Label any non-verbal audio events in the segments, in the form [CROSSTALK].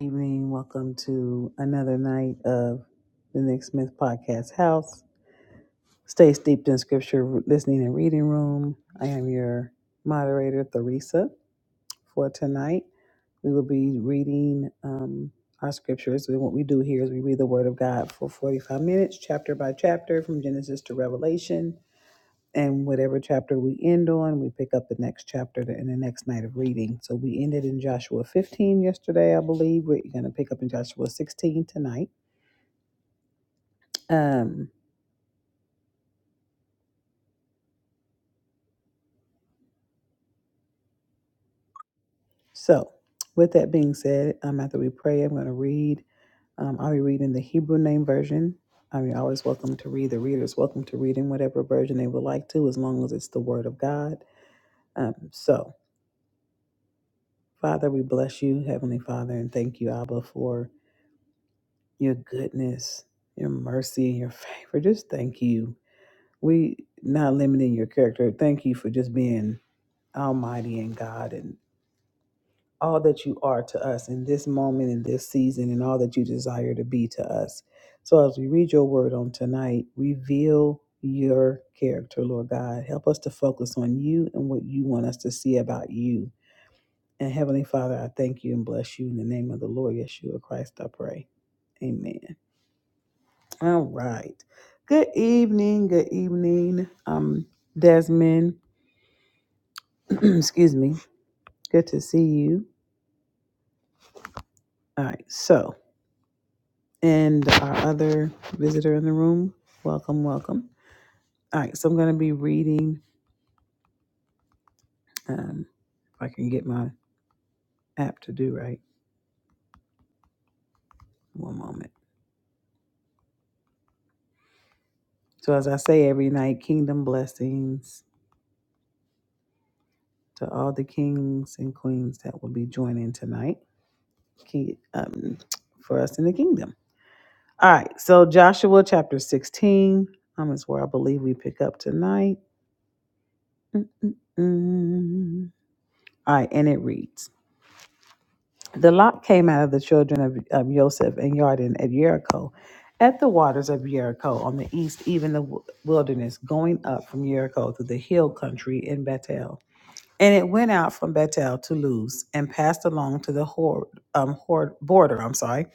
Evening. Welcome to another night of the Nick Smith Podcast House. Stay steeped in scripture, listening and reading room. I am your moderator, Theresa, for tonight. We will be reading um, our scriptures. And what we do here is we read the Word of God for 45 minutes, chapter by chapter, from Genesis to Revelation and whatever chapter we end on, we pick up the next chapter in the next night of reading. So we ended in Joshua 15 yesterday, I believe. We're going to pick up in Joshua 16 tonight. Um, so, with that being said, um, after we pray, I'm going to read. Um, I'll be reading the Hebrew name version. I mean, always welcome to read. The reader's welcome to read in whatever version they would like to, as long as it's the Word of God. Um, so, Father, we bless you, Heavenly Father, and thank you, Abba, for your goodness, your mercy, and your favor. Just thank you. We not limiting your character. Thank you for just being almighty and God and all that you are to us in this moment, in this season, and all that you desire to be to us. So as we read your word on tonight, reveal your character, Lord God. Help us to focus on you and what you want us to see about you. And Heavenly Father, I thank you and bless you in the name of the Lord Yeshua Christ, I pray. Amen. All right. Good evening. Good evening. Um, Desmond. [CLEARS THROAT] excuse me. Good to see you. All right. So, and our other visitor in the room. Welcome. Welcome. All right. So I'm going to be reading. Um, if I can get my app to do right. One moment. So as I say every night, kingdom blessings to all the kings and queens that will be joining tonight. King, um, for us in the kingdom. All right, so Joshua chapter 16 um, is where I believe we pick up tonight. Mm-mm-mm. All right, and it reads The lot came out of the children of, of Joseph and Yarden at Jericho, at the waters of Jericho on the east, even the w- wilderness, going up from Jericho to the hill country in Bethel. And it went out from Bethel to Luz and passed along to the hor- um, hor- border, I'm sorry,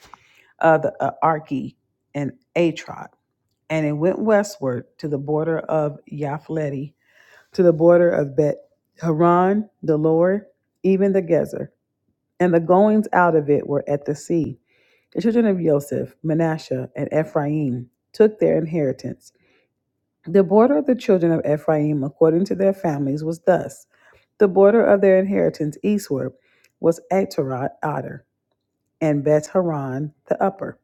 of the uh, Arki and Atrot. and it went westward to the border of Yaphleti, to the border of Bet Haran, the Lord, even the Gezer. And the goings out of it were at the sea. The children of Joseph, Manasseh, and Ephraim took their inheritance. The border of the children of Ephraim, according to their families, was thus. The border of their inheritance eastward was Atarat, Adar, and Beth Haran, the upper.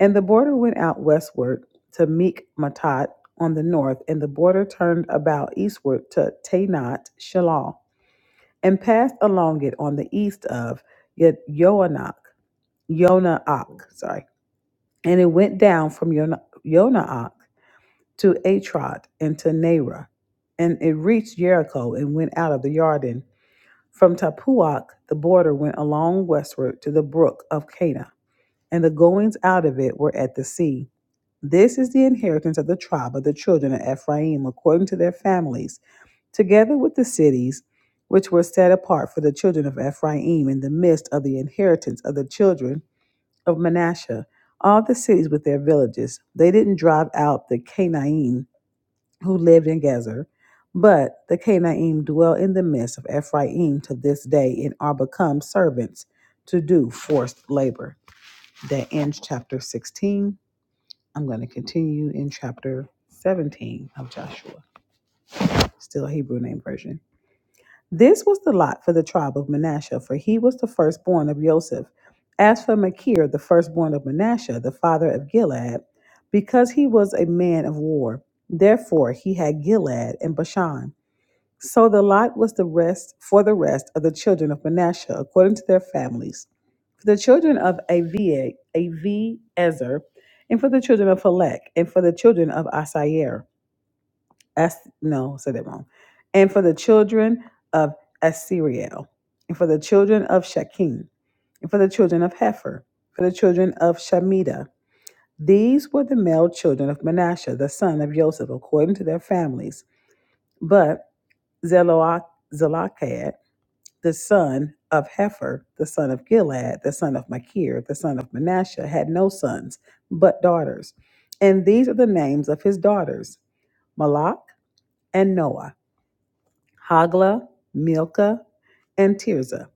And the border went out westward to Mikmatat on the north, and the border turned about eastward to Tanat Shalal, and passed along it on the east of Ye- Yoanok, Yonaak, sorry. And it went down from Yona- Yonaak to Atrot and to Nerah, and it reached Jericho and went out of the Yarden. From Tapuach, the border went along westward to the brook of Cana, and the goings out of it were at the sea this is the inheritance of the tribe of the children of Ephraim according to their families, together with the cities which were set apart for the children of Ephraim in the midst of the inheritance of the children of Manasseh, all the cities with their villages. They didn't drive out the Canaanite who lived in Gezer, but the Canaanite dwell in the midst of Ephraim to this day and are become servants to do forced labor. That ends chapter 16. I'm going to continue in chapter 17 of Joshua, still a Hebrew name version. This was the lot for the tribe of Manasseh, for he was the firstborn of Joseph. As for Machir, the firstborn of Manasseh, the father of Gilead, because he was a man of war, therefore he had Gilead and Bashan. So the lot was the rest for the rest of the children of Manasseh according to their families for the children of Avi, Avi Ezer, and for the children of Phelek, and for the children of Asair, As, no, said that wrong, and for the children of Asiriel, and for the children of Shakim, and for the children of Hefer, for the children of Shamida. These were the male children of Manasseh, the son of Joseph, according to their families. But Zeloach, the son of Hefer, the son of Gilad, the son of Machir, the son of Manasseh, had no sons, but daughters. And these are the names of his daughters Malach and Noah, Hagla, Milcah, and Tirzah.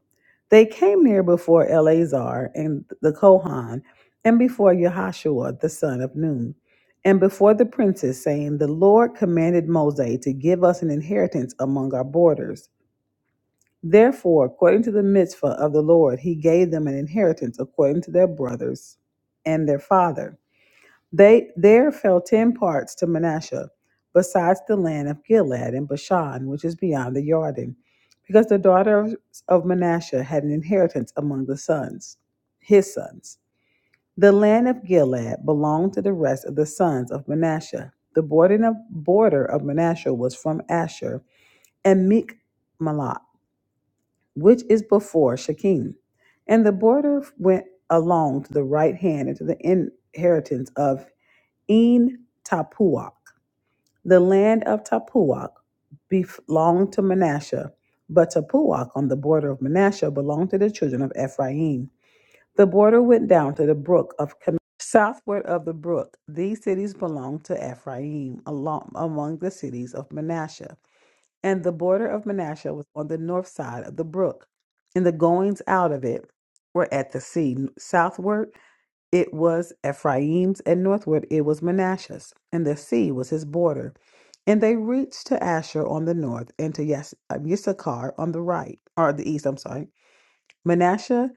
They came near before Eleazar and the Kohan, and before Yahashua, the son of Nun, and before the princes, saying, The Lord commanded Moses to give us an inheritance among our borders. Therefore, according to the mitzvah of the Lord, he gave them an inheritance according to their brothers and their father. They there fell ten parts to Manasseh, besides the land of Gilead and Bashan, which is beyond the Jordan, because the daughters of Manasseh had an inheritance among the sons, his sons. The land of Gilead belonged to the rest of the sons of Manasseh. The border of, border of Manasseh was from Asher and Mikmalot which is before Shechem. And the border went along to the right hand into the inheritance of En Tapuach. The land of Tapuach belonged to Manasseh, but Tapuach on the border of Manasseh belonged to the children of Ephraim. The border went down to the brook of Kin- Southward of the brook, these cities belonged to Ephraim along, among the cities of Manasseh. And the border of Manasseh was on the north side of the brook, and the goings out of it were at the sea. Southward it was Ephraim's, and northward it was Manasseh's, and the sea was his border. And they reached to Asher on the north, and to Yis- um, Issachar on the right, or the east, I'm sorry. Manasseh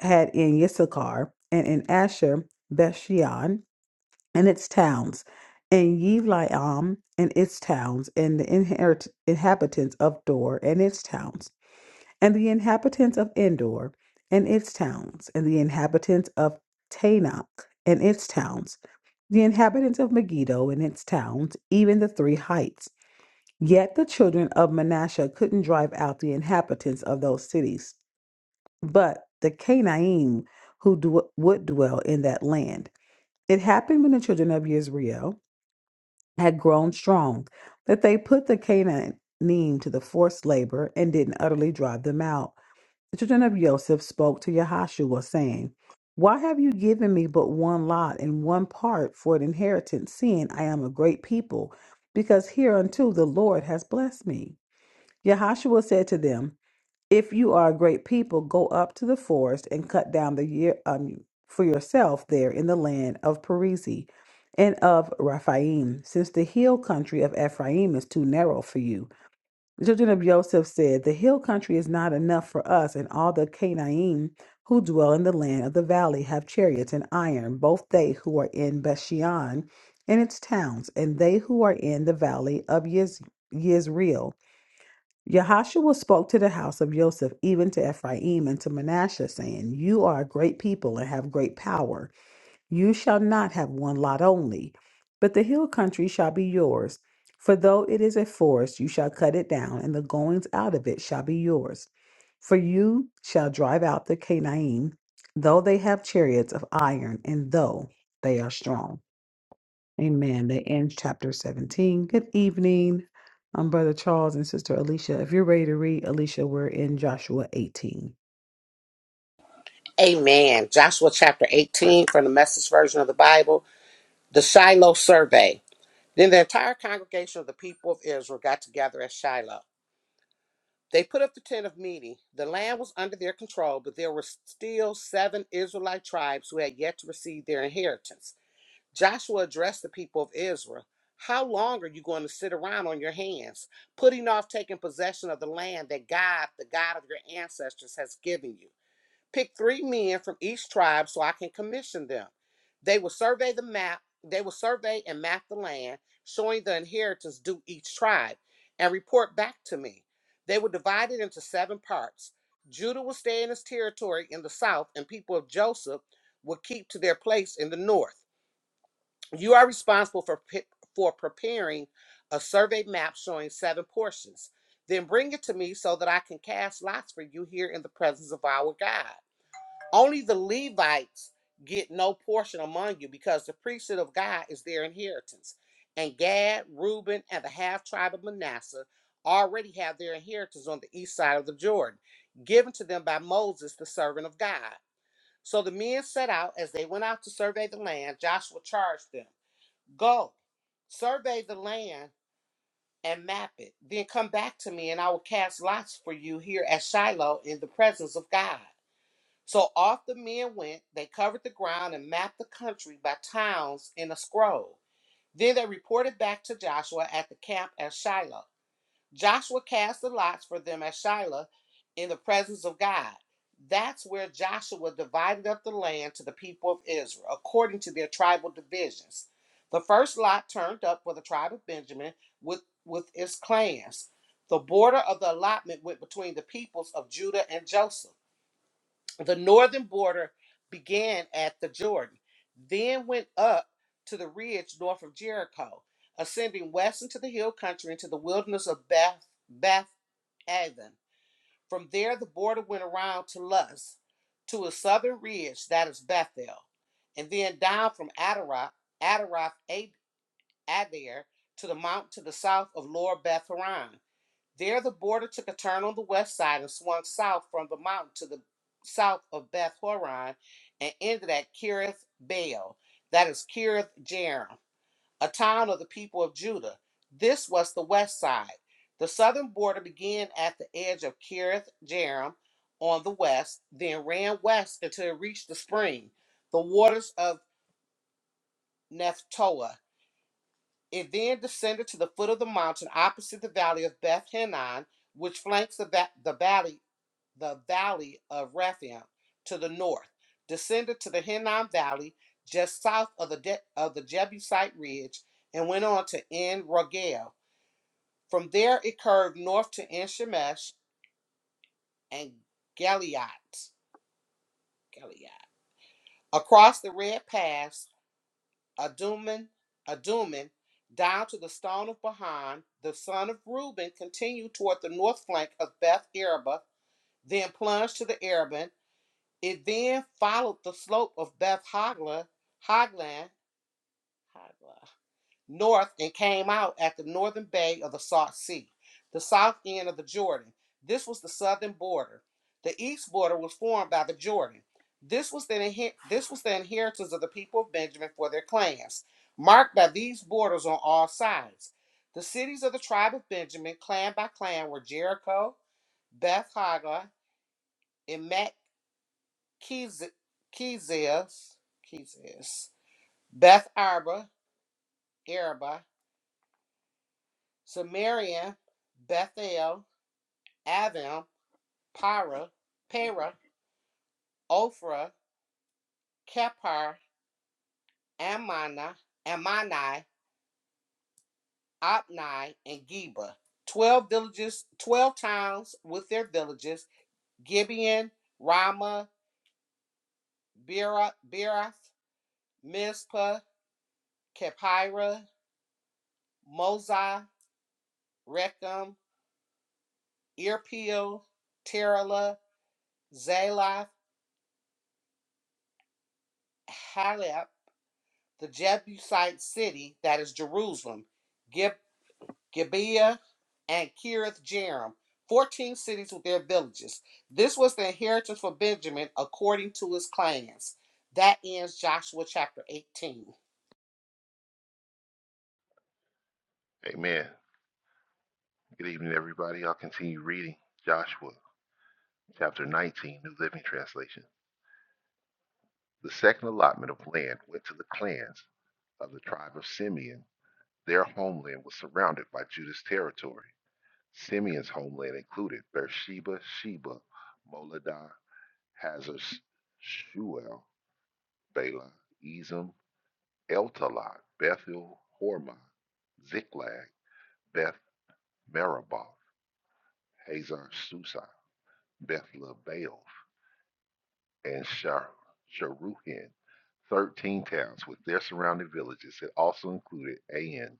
had in Issachar, and in Asher, Bethshean, and its towns, and Yivlaim and its towns, and the inherit- inhabitants of Dor and its towns, and the inhabitants of Endor and its towns, and the inhabitants of Tanakh and its towns, the inhabitants of Megiddo and its towns, even the three heights. Yet the children of Manasseh couldn't drive out the inhabitants of those cities, but the Canaim who dw- would dwell in that land. It happened when the children of Israel had grown strong, that they put the Canaanim to the forced labor and didn't utterly drive them out. The children of Joseph spoke to Yahashua, saying, Why have you given me but one lot and one part for an inheritance, seeing I am a great people? Because hereunto the Lord has blessed me. Yahashua said to them, if you are a great people, go up to the forest and cut down the year um, for yourself there in the land of Perezi and of Raphaim, since the hill country of Ephraim is too narrow for you. The children of Joseph said, The hill country is not enough for us, and all the Canaanite who dwell in the land of the valley have chariots and iron, both they who are in Bashan and its towns, and they who are in the valley of Yez- Yezreel. Yahashua spoke to the house of Joseph, even to Ephraim and to Manasseh, saying, You are a great people and have great power. You shall not have one lot only, but the hill country shall be yours. For though it is a forest, you shall cut it down, and the goings out of it shall be yours. For you shall drive out the Canaanite, though they have chariots of iron, and though they are strong. Amen. They end chapter 17. Good evening, um, Brother Charles and Sister Alicia. If you're ready to read, Alicia, we're in Joshua 18. Amen. Joshua chapter 18 from the message version of the Bible, the Shiloh survey. Then the entire congregation of the people of Israel got together at Shiloh. They put up the tent of meeting. The land was under their control, but there were still seven Israelite tribes who had yet to receive their inheritance. Joshua addressed the people of Israel How long are you going to sit around on your hands, putting off taking possession of the land that God, the God of your ancestors, has given you? Pick three men from each tribe so I can commission them. They will survey the map, they will survey and map the land, showing the inheritance due each tribe, and report back to me. They will divide it into seven parts. Judah will stay in his territory in the south, and people of Joseph will keep to their place in the north. You are responsible for, pe- for preparing a survey map showing seven portions. Then bring it to me so that I can cast lots for you here in the presence of our God. Only the Levites get no portion among you because the priesthood of God is their inheritance. And Gad, Reuben, and the half tribe of Manasseh already have their inheritance on the east side of the Jordan, given to them by Moses, the servant of God. So the men set out as they went out to survey the land. Joshua charged them Go, survey the land and map it. Then come back to me, and I will cast lots for you here at Shiloh in the presence of God. So off the men went, they covered the ground and mapped the country by towns in a scroll. Then they reported back to Joshua at the camp at Shiloh. Joshua cast the lots for them at Shiloh in the presence of God. That's where Joshua divided up the land to the people of Israel according to their tribal divisions. The first lot turned up for the tribe of Benjamin with, with its clans. The border of the allotment went between the peoples of Judah and Joseph. The northern border began at the Jordan, then went up to the ridge north of Jericho, ascending west into the hill country into the wilderness of Beth Beth Aven. From there, the border went around to Luz, to a southern ridge that is Bethel, and then down from Adaroth Adaroth Ad- Adair to the mountain to the south of Lower Beth Horon. There, the border took a turn on the west side and swung south from the mountain to the south of Beth Horon and ended at Kirith Baal, that is Kirith Jearim, a town of the people of Judah. This was the west side. The southern border began at the edge of Kirith Jearim on the west, then ran west until it reached the spring, the waters of Nephtoah. It then descended to the foot of the mountain opposite the valley of Beth Hinnon which flanks the, va- the valley the valley of Rephaim to the north, descended to the Hinnom Valley just south of the De- of the Jebusite ridge, and went on to En Rogel. From there, it curved north to En Shemesh and Geliat. Geliat. Across the Red Pass, Aduman, Aduman, down to the stone of Bahan, the son of Reuben continued toward the north flank of Beth Araba, then plunged to the Arabah It then followed the slope of Beth Hogla, Hoglan, Hogla, north and came out at the northern bay of the Salt Sea, the south end of the Jordan. This was the southern border. The east border was formed by the Jordan. This was the, this was the inheritance of the people of Benjamin for their clans, marked by these borders on all sides. The cities of the tribe of Benjamin, clan by clan, were Jericho, Beth Hogla, Emek, Kez- Kezes, Beth Arba, Araba, Samaria, Bethel, Avim, Para, Pera, Ophrah, Kephar, Ammana, Ammani, Opni, and Geba. Twelve villages, twelve towns with their villages: Gibeon, Ramah, Bera, Berath, Mizpah, Kephira, Mozah, Rechem, Irpeel, Terah. Zalath, Halep, the Jebusite city, that is Jerusalem, Gib- Gibeah, and Kirith Jearim, 14 cities with their villages. This was the inheritance for Benjamin according to his clans. That ends Joshua chapter 18. Amen. Good evening, everybody. I'll continue reading Joshua chapter 19, New Living Translation. The second allotment of land went to the clans of the tribe of Simeon. Their homeland was surrounded by Judah's territory. Simeon's homeland included Beersheba, Sheba, Moladah, Hazar, Shuel, Bala, Ezim, Eltalot, Bethel, Hormah, Ziklag, Beth Meraboth, Hazar Susa, Beth Baal, and Shar- Sharuhin, 13 towns with their surrounding villages. It also included Ain,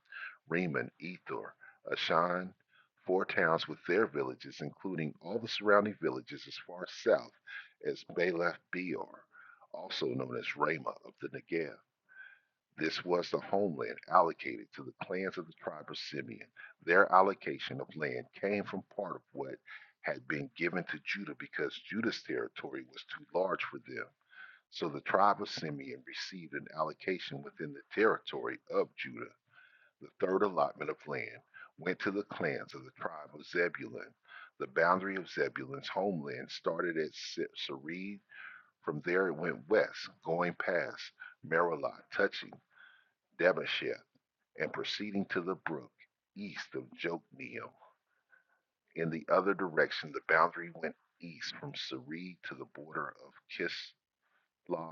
Reman, Ethor, Ashan, four towns with their villages, including all the surrounding villages as far south as Balath Beor, also known as Ramah of the Negev. This was the homeland allocated to the clans of the tribe of Simeon. Their allocation of land came from part of what had been given to Judah because Judah's territory was too large for them so the tribe of Simeon received an allocation within the territory of Judah. The third allotment of land went to the clans of the tribe of Zebulun. The boundary of Zebulun's homeland started at Se- Sered. From there it went west, going past Merilah, touching Debasheth, and proceeding to the brook east of Jokneel. In the other direction, the boundary went east from Sered to the border of Kisloth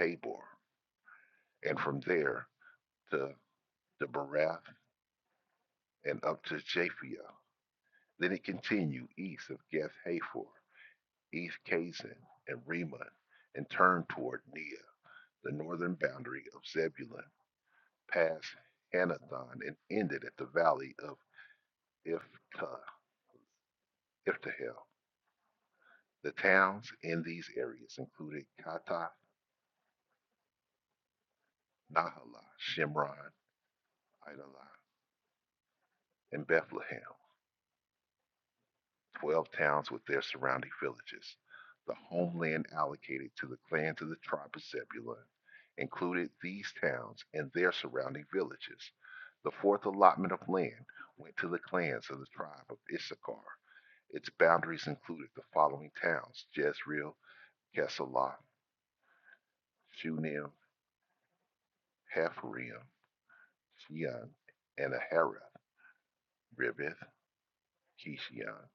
Tabor, and from there to Debarath and up to Japhia. Then it continued east of Gath Hafor, east Kazan and Remon, and turned toward Nia, the northern boundary of Zebulun, past Hanathon, and ended at the valley of Ifta, Iftahel. The towns in these areas included Katath, Nahala, Shimron, Idalah, and Bethlehem. twelve towns with their surrounding villages. The homeland allocated to the clans of the tribe of Zebulun included these towns and their surrounding villages. The fourth allotment of land went to the clans of the tribe of Issachar. Its boundaries included the following towns Jezreel, Kesalah, Shunem, Hepharim, Shean, and Aharath, Riveth, Kishion,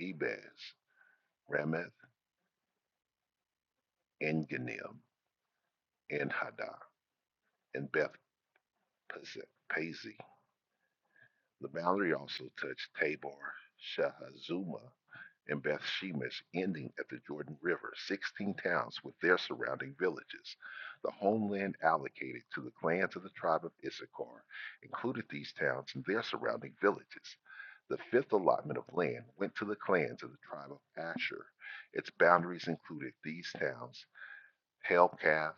Ebez, Remeth, Enganim, Enhada, and Beth Pazzi. The boundary also touched Tabor, Shahazuma, and Beth Shemesh, ending at the Jordan River, 16 towns with their surrounding villages. The homeland allocated to the clans of the tribe of Issachar included these towns and their surrounding villages. The fifth allotment of land went to the clans of the tribe of Asher. Its boundaries included these towns Helkath,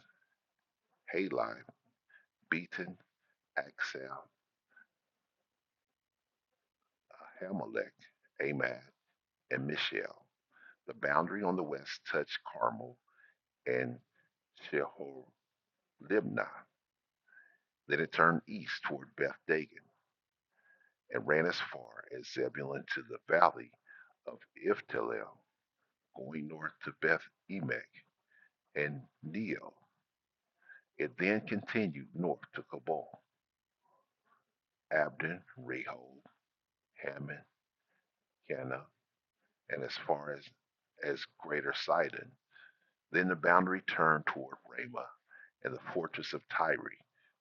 Halai, Beaton, Axel, Ahimelech, Amad, and Michelle. The boundary on the west touched Carmel and Sheholibnah. Then it turned east toward Beth Dagon and ran as far as Zebulun to the valley of Iftalel, going north to Beth Emek and Neo. It then continued north to Kabul, Abdon, Rehob, Hammon, Cana, and as far as, as Greater Sidon. Then the boundary turned toward Ramah and the fortress of Tyre,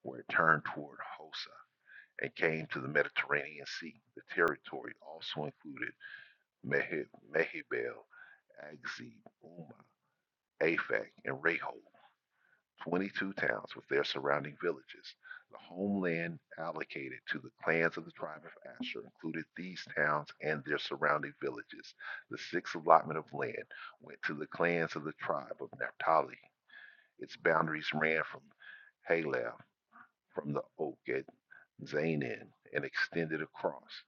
where it turned toward Hosa and came to the Mediterranean Sea. The territory also included Mehi- Mehibbel, Agzib, Uma, Aphek, and Rehob, 22 towns with their surrounding villages. The homeland allocated to the clans of the tribe of Asher included these towns and their surrounding villages. The sixth allotment of land went to the clans of the tribe of Naphtali. Its boundaries ran from Halab from the oak at Zanin and extended across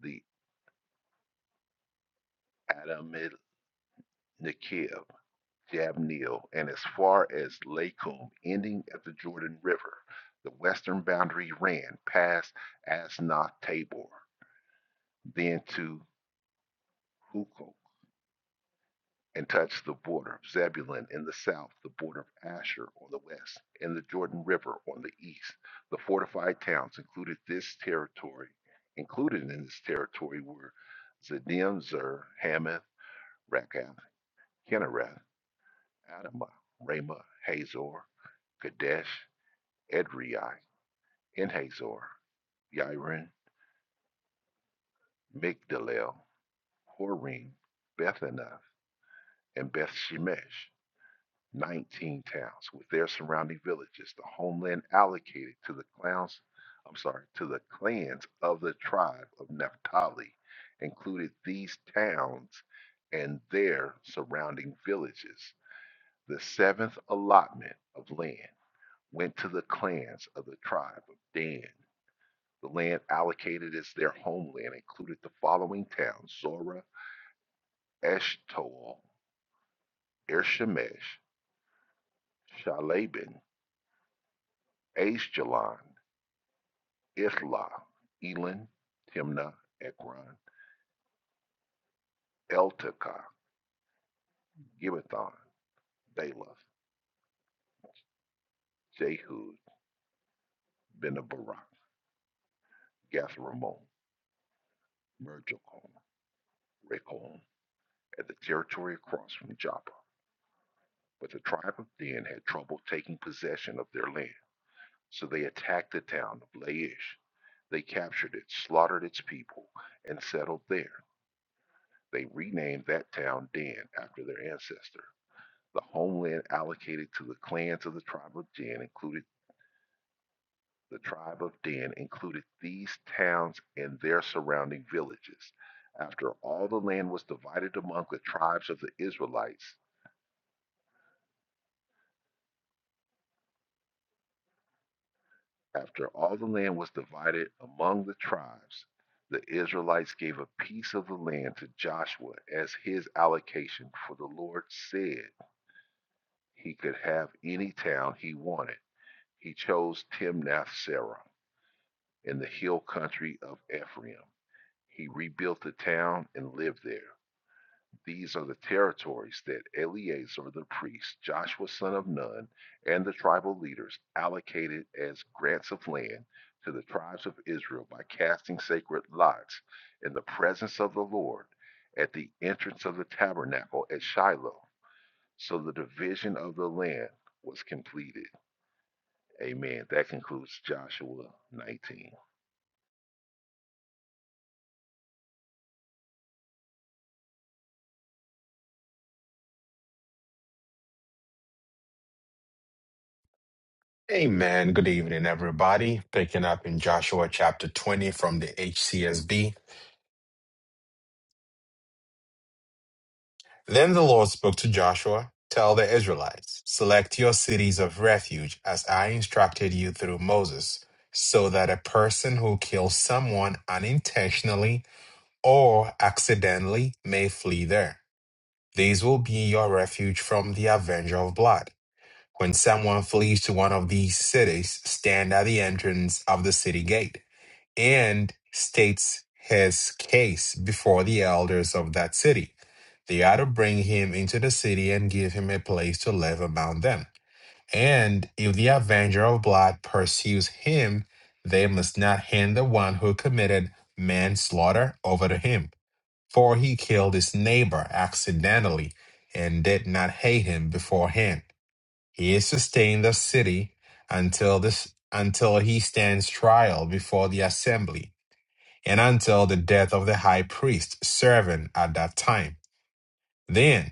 the Adamid Nekev, Jabneel, and as far as Lakum, ending at the Jordan River. The western boundary ran past Asnath Tabor, then to Hukok and touched the border of Zebulun in the south, the border of Asher on the west, and the Jordan River on the east. The fortified towns included this territory. Included in this territory were Zedim, Zer, Hamath, Rakath, Kinnereth, Adamah, Ramah, Hazor, Kadesh, Edrei, En Hazor, Yarin, Migdalel, Horim, Bethanath, and Beth Shemesh. 19 towns with their surrounding villages, the homeland allocated to the clans, I'm sorry, to the clans of the tribe of Naphtali included these towns and their surrounding villages. The seventh allotment of land went to the clans of the tribe of Dan. The land allocated as their homeland included the following towns Zorah, Eshtaol, Irshemesh, Shalaban, Ashkelon. Isla, Elon, Timnah, Ekron, Eltekah, Gibbethon, Baalath, Jehud, Benabarak, Gathramon, Merjokon, Rekon, at the territory across from Joppa. But the tribe of Dan had trouble taking possession of their land, so they attacked the town of Laish. They captured it, slaughtered its people, and settled there. They renamed that town Dan after their ancestor. The homeland allocated to the clans of the tribe of Dan included The tribe of Dan included these towns and their surrounding villages. After all the land was divided among the tribes of the Israelites, after all the land was divided among the tribes, the Israelites gave a piece of the land to Joshua as his allocation, for the Lord said he could have any town he wanted. He chose Timnath Serah in the hill country of Ephraim. He rebuilt the town and lived there. These are the territories that Eleazar the priest, Joshua son of Nun, and the tribal leaders allocated as grants of land to the tribes of Israel by casting sacred lots in the presence of the Lord at the entrance of the tabernacle at Shiloh. So the division of the land was completed. Amen. That concludes Joshua 19. Amen. Good evening, everybody. Picking up in Joshua chapter 20 from the HCSB. Then the Lord spoke to Joshua Tell the Israelites, select your cities of refuge as I instructed you through Moses, so that a person who kills someone unintentionally or accidentally may flee there. These will be your refuge from the avenger of blood. When someone flees to one of these cities, stand at the entrance of the city gate. and states his case before the elders of that city. They are to bring him into the city and give him a place to live among them. And if the avenger of blood pursues him, they must not hand the one who committed manslaughter over to him, for he killed his neighbor accidentally and did not hate him beforehand. He is to stay in the city until this until he stands trial before the assembly and until the death of the high priest serving at that time. Then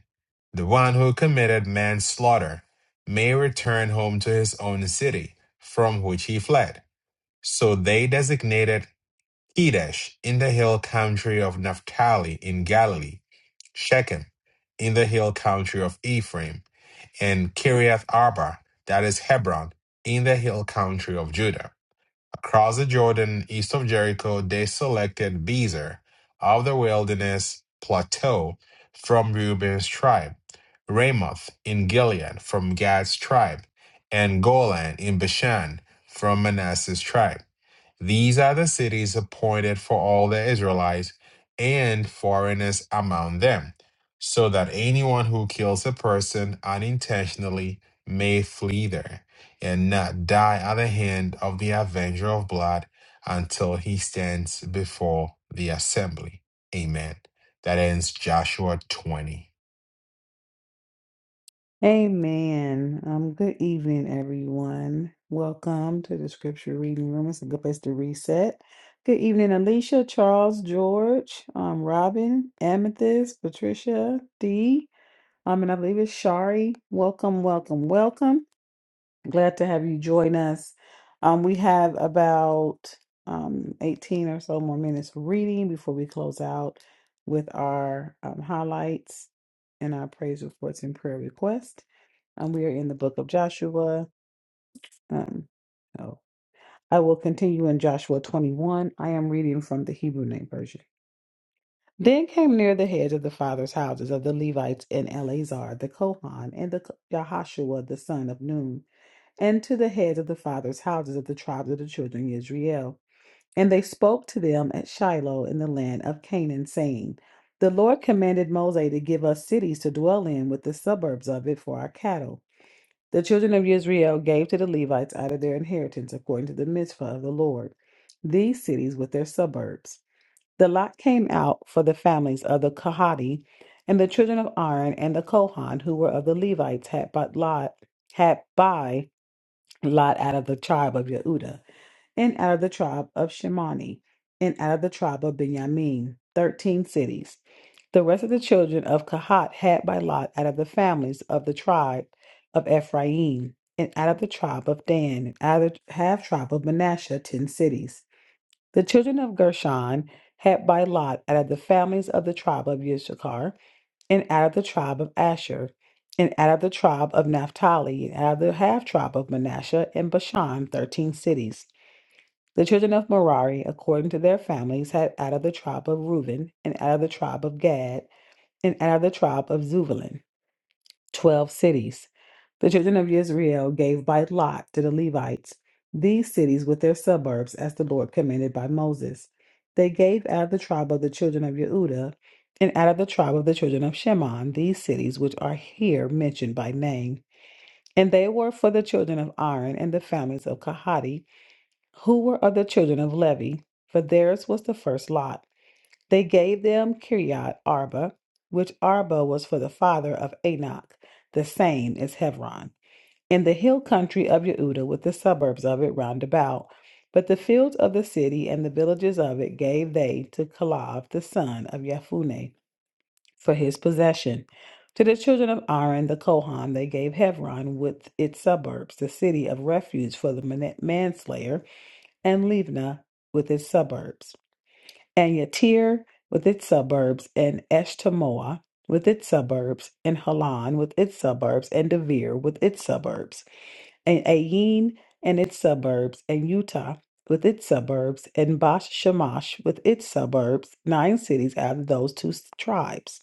the one who committed manslaughter may return home to his own city from which he fled. So they designated Kedesh in the hill country of Naphtali in Galilee, Shechem in the hill country of Ephraim, and Kiriath Arba, that is Hebron, in the hill country of Judah. Across the Jordan, east of Jericho, they selected Bezer of the wilderness plateau from Reuben's tribe, Ramoth in Gilead from Gad's tribe, and Golan in Bashan from Manasseh's tribe. These are the cities appointed for all the Israelites and foreigners among them, so that anyone who kills a person unintentionally may flee there and not die at the hand of the avenger of blood until he stands before the assembly. Amen. That ends Joshua 20. Amen. Um, good evening, everyone. Welcome to the scripture reading room. It's a good place to reset. Good evening, Alicia, Charles, George, um, Robin, Amethyst, Patricia, Dee, um, and I believe it's Shari. Welcome, welcome, welcome. Glad to have you join us. Um, we have about um, 18 or so more minutes of reading before we close out with our um, highlights and our praise reports and prayer requests. Um, we are in the book of Joshua. Um, oh, I will continue in Joshua 21. I am reading from the Hebrew Name Version. Then came near the heads of the fathers' houses of the Levites and Eleazar the Kohan and the Yahashua the son of Nun and to the heads of the fathers' houses of the tribes of the children of Israel. And they spoke to them at Shiloh in the land of Canaan, saying, The Lord commanded Moses to give us cities to dwell in with the suburbs of it for our cattle. The children of Israel gave to the Levites out of their inheritance according to the mitzvah of the Lord, these cities with their suburbs. The lot came out for the families of the Kohati, and the children of Aaron and the Kohan, who were of the Levites, had by lot had by Lot out of the tribe of Yehuda, and out of the tribe of Shimoni, and out of the tribe of Benjamin, thirteen cities. The rest of the children of Kahat had by lot out of the families of the tribe of Ephraim, and out of the tribe of Dan, and out of the half tribe of Manasseh, ten cities. The children of Gershon had by lot out of the families of the tribe of Issachar, and out of the tribe of Asher, and out of the tribe of Naphtali, and out of the half tribe of Manasseh and Bashan, thirteen cities. The children of Merari, according to their families, had out of the tribe of Reuben, and out of the tribe of Gad, and out of the tribe of Zebulun. 12 cities. The children of Israel gave by lot to the Levites these cities with their suburbs, as the Lord commanded by Moses. They gave out of the tribe of the children of Yehuda and out of the tribe of the children of Shimon these cities which are here mentioned by name. And they were for the children of Aaron and the families of Kahati, who were of the children of Levi, for theirs was the first lot. They gave them Kiriath Arba, which Arba was for the father of Anak, the same as Hebron, in the hill country of Yehuda, with the suburbs of it round about. But the fields of the city and the villages of it gave they to Caleb the son of Yefuneh for his possession. To the children of Aaron the Kohan they gave Hebron with its suburbs, the city of refuge for the man- manslayer, and Livna with its suburbs and Yatir with its suburbs, and Eshtemoa with its suburbs, and Halan with its suburbs, and Devere with its suburbs, and Ayin and its suburbs, and Utah with its suburbs, and Bash Shemash with its suburbs, nine cities out of those two s- tribes.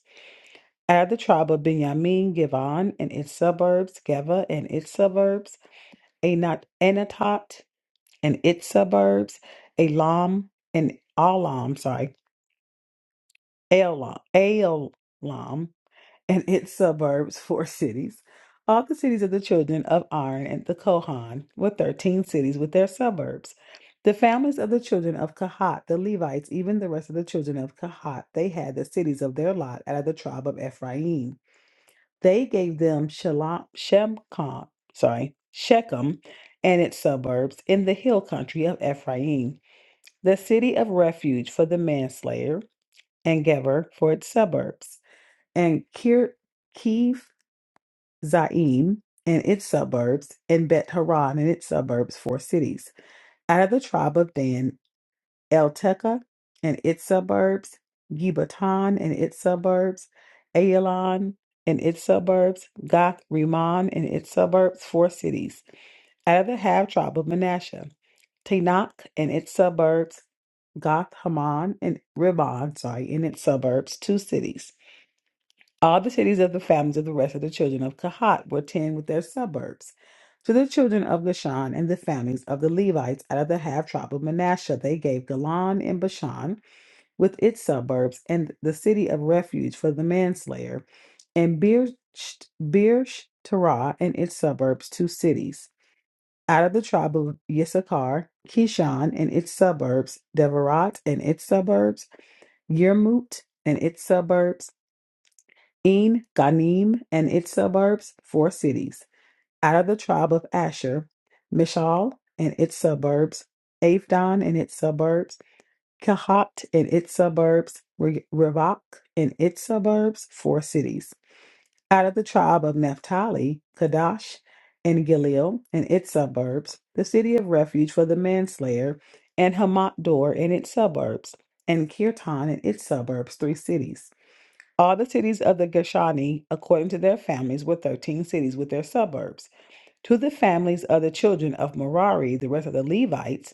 Add the tribe of Benjamin, Givon and its suburbs, Geva and its suburbs, Anat, Anatot and its suburbs, Elam and Alam, sorry, Elam, Elam and its suburbs, four cities. All the cities of the children of Aaron and the Kohan were thirteen cities with their suburbs. The families of the children of Kahat, the Levites, even the rest of the children of Kahat, they had the cities of their lot out of the tribe of Ephraim. They gave them Shelah- Shemcon, sorry, Shechem and its suburbs in the hill country of Ephraim, the city of refuge for the manslayer, and Geber for its suburbs and Kir- Kiev Zaim and its suburbs, and Bet Haran and its suburbs, four cities. Out of the tribe of Dan, El Teka and its suburbs, Gibatan and its suburbs, Aelon and its suburbs, Gath Rimmon and its suburbs, four cities. Out of the half tribe of Manasseh, Tanakh and its suburbs, Gath Haman and Ribbon, sorry, and its suburbs, two cities All the cities of the families of the rest of the children of Kahat were ten with their suburbs. To the children of Lashan and the families of the Levites out of the half tribe of Manasseh, they gave Galan and Bashan with its suburbs and the city of refuge for the manslayer, and Beer Terah and its suburbs, two cities. Out of the tribe of Issachar, Kishon and its suburbs, Deverat and its suburbs, Yermut and its suburbs, in, Ganim, and its suburbs, four cities. Out of the tribe of Asher, Mishal and its suburbs, Avdon and its suburbs, Kahat and its suburbs, Re- Revach and its suburbs, four cities. Out of the tribe of Naphtali, Kadesh, and Gileel and its suburbs, the city of refuge for the manslayer, and Hamat Dor and its suburbs, and Kirtan and its suburbs, three cities all the cities of the Geshani, according to their families, were 13 cities with their suburbs. To the families of the children of Merari, the rest of the Levites,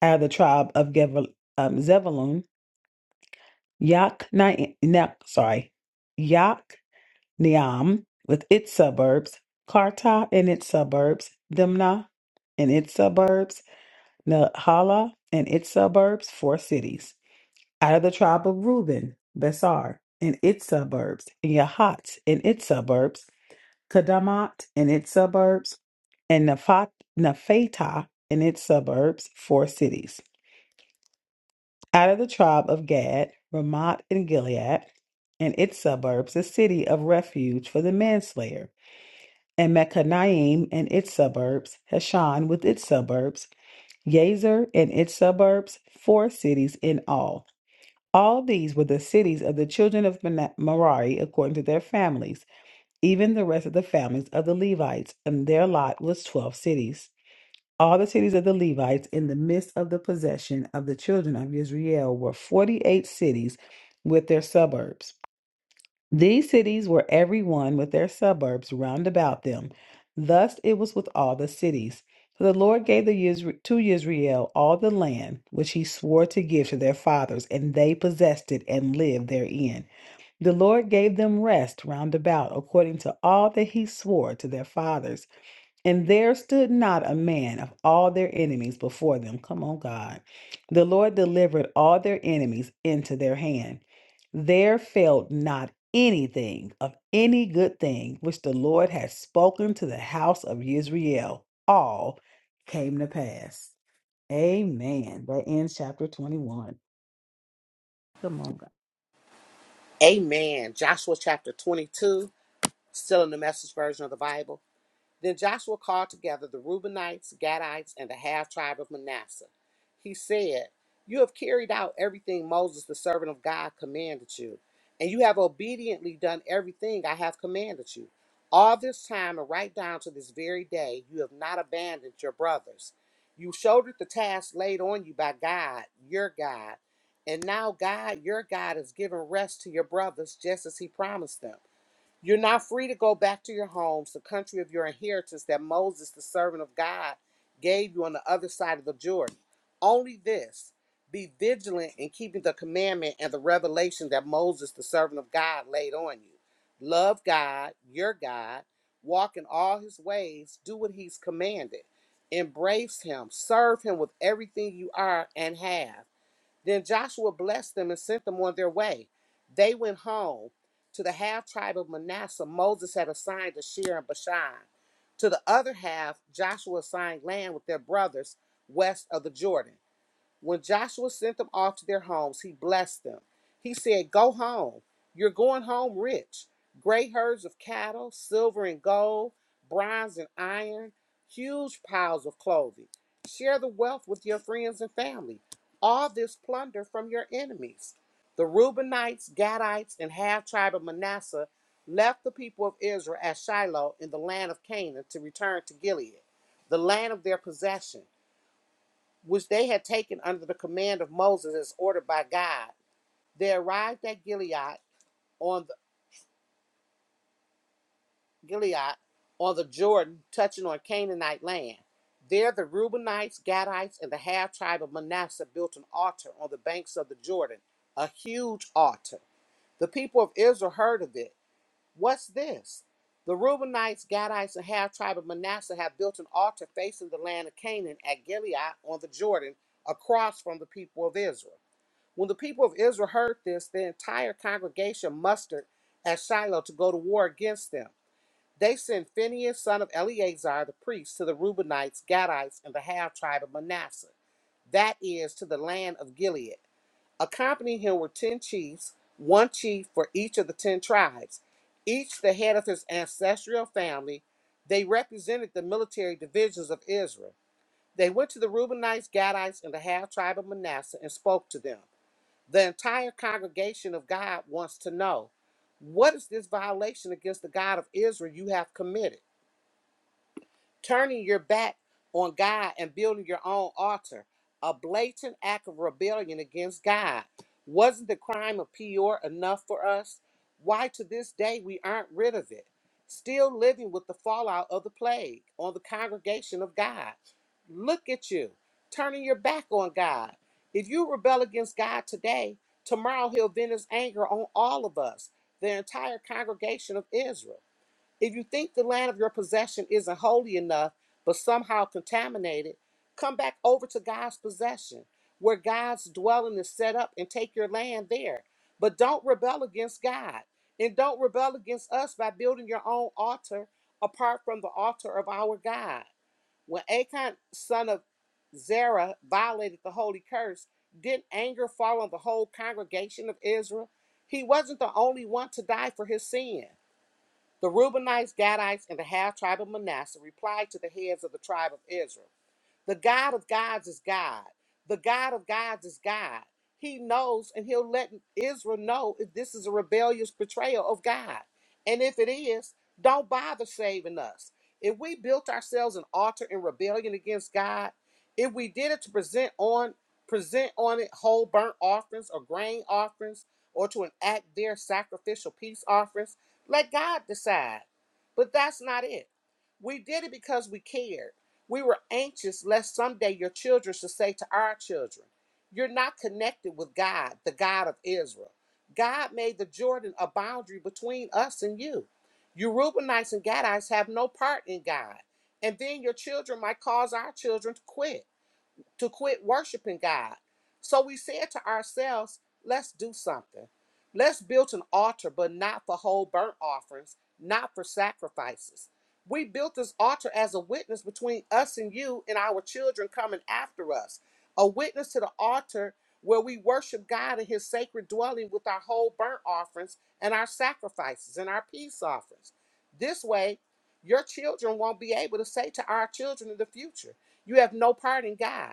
out of the tribe of Gevel, um, Zebulun, Yachni- sorry, Yachneam with its suburbs, Karta and its suburbs, Dimnah and its suburbs, Nahala and its suburbs, four cities. Out of the tribe of Reuben, Besar and its suburbs, and Yahat and its suburbs, Kadamat and its suburbs, and Naphat- Naphtah and its suburbs, four cities. Out of the tribe of Gad, Ramat and Gilead, and its suburbs, a city of refuge for the manslayer, and Machanaim and its suburbs, Heshan with its suburbs, Yazer and its suburbs, four cities in all. All these were the cities of the children of Mana- Merari according to their families. even the rest of the families of the Levites, and their lot was twelve cities. All the cities of the Levites in the midst of the possession of the children of Israel were forty eight cities with their suburbs. These cities were every one with their suburbs round about them. Thus it was with all the cities. So the Lord gave the Isra- to Israel all the land which he swore to give to their fathers, and they possessed it and lived therein. The Lord gave them rest round about, according to all that he swore to their fathers. And there stood not a man of all their enemies before them. Come on, God. The Lord delivered all their enemies into their hand. There failed not anything of any good thing which the Lord had spoken to the house of Israel. All came to pass. Amen. That ends chapter 21. Come on, God. Amen. Joshua chapter 22, still in the message version of the Bible. Then Joshua called together the Reubenites, Gadites, and the half tribe of Manasseh. He said, You have carried out everything Moses, the servant of God, commanded you, and you have obediently done everything I have commanded you. All this time, and right down to this very day, you have not abandoned your brothers. You shouldered the task laid on you by God, your God, and now God, your God, has given rest to your brothers just as he promised them. You're now free to go back to your homes, the country of your inheritance that Moses, the servant of God, gave you on the other side of the Jordan. Only this be vigilant in keeping the commandment and the revelation that Moses, the servant of God, laid on you. Love God, your God, walk in all his ways, do what he's commanded, embrace him, serve him with everything you are and have. Then Joshua blessed them and sent them on their way. They went home to the half tribe of Manasseh Moses had assigned to Shear and Bashan. To the other half, Joshua assigned land with their brothers west of the Jordan. When Joshua sent them off to their homes, he blessed them. He said, Go home. You're going home rich. Great herds of cattle, silver and gold, bronze and iron, huge piles of clothing. Share the wealth with your friends and family. All this plunder from your enemies. The Reubenites, Gadites, and half tribe of Manasseh left the people of Israel at Shiloh in the land of Canaan to return to Gilead, the land of their possession which they had taken under the command of Moses as ordered by God. They arrived at Gilead on the Gilead on the Jordan, touching on Canaanite land. There the Reubenites, Gadites, and the half tribe of Manasseh built an altar on the banks of the Jordan, a huge altar. The people of Israel heard of it. What's this? The Reubenites, Gadites, and half tribe of Manasseh have built an altar facing the land of Canaan at Gilead on the Jordan, across from the people of Israel. When the people of Israel heard this, the entire congregation mustered at Shiloh to go to war against them. They sent Phinehas, son of Eleazar, the priest, to the Reubenites, Gadites, and the half tribe of Manasseh, that is, to the land of Gilead. Accompanying him were ten chiefs, one chief for each of the ten tribes, each the head of his ancestral family. They represented the military divisions of Israel. They went to the Reubenites, Gadites, and the half tribe of Manasseh and spoke to them. The entire congregation of God wants to know what is this violation against the God of Israel you have committed? turning your back on God and building your own altar. A blatant act of rebellion against God. Wasn't the crime of Peor enough for us? Why to this day we aren't rid of it? Still living with the fallout of the plague on the congregation of God. Look at you, turning your back on God. If you rebel against God today, tomorrow he'll vent his anger on all of us, the entire congregation of Israel. If you think the land of your possession isn't holy enough, but somehow contaminated, come back over to God's possession, where God's dwelling is set up, and take your land there. But don't rebel against God. And don't rebel against us by building your own altar apart from the altar of our God. When Achan, son of Zerah, violated the holy curse, didn't anger fall on the whole congregation of Israel? He wasn't the only one to die for his sin. The Reubenites, Gadites, and the half tribe of Manasseh replied to the heads of the tribe of Israel. The God of gods is God. The God of gods is God. He knows and he'll let Israel know if this is a rebellious betrayal of God. And if it is, don't bother saving us. If we built ourselves an altar in rebellion against God, if we did it to present on present on it whole burnt offerings or grain offerings or to enact their sacrificial peace offerings, let God decide. But that's not it. We did it because we cared. We were anxious lest someday your children should say to our children, You're not connected with God, the God of Israel. God made the Jordan a boundary between us and you. You Reubenites and Gadites have no part in God. And then your children might cause our children to quit to quit worshiping God. So we said to ourselves, let's do something. Let's build an altar, but not for whole burnt offerings, not for sacrifices. We built this altar as a witness between us and you and our children coming after us, a witness to the altar where we worship God in his sacred dwelling with our whole burnt offerings and our sacrifices and our peace offerings. This way, your children won't be able to say to our children in the future, You have no part in God.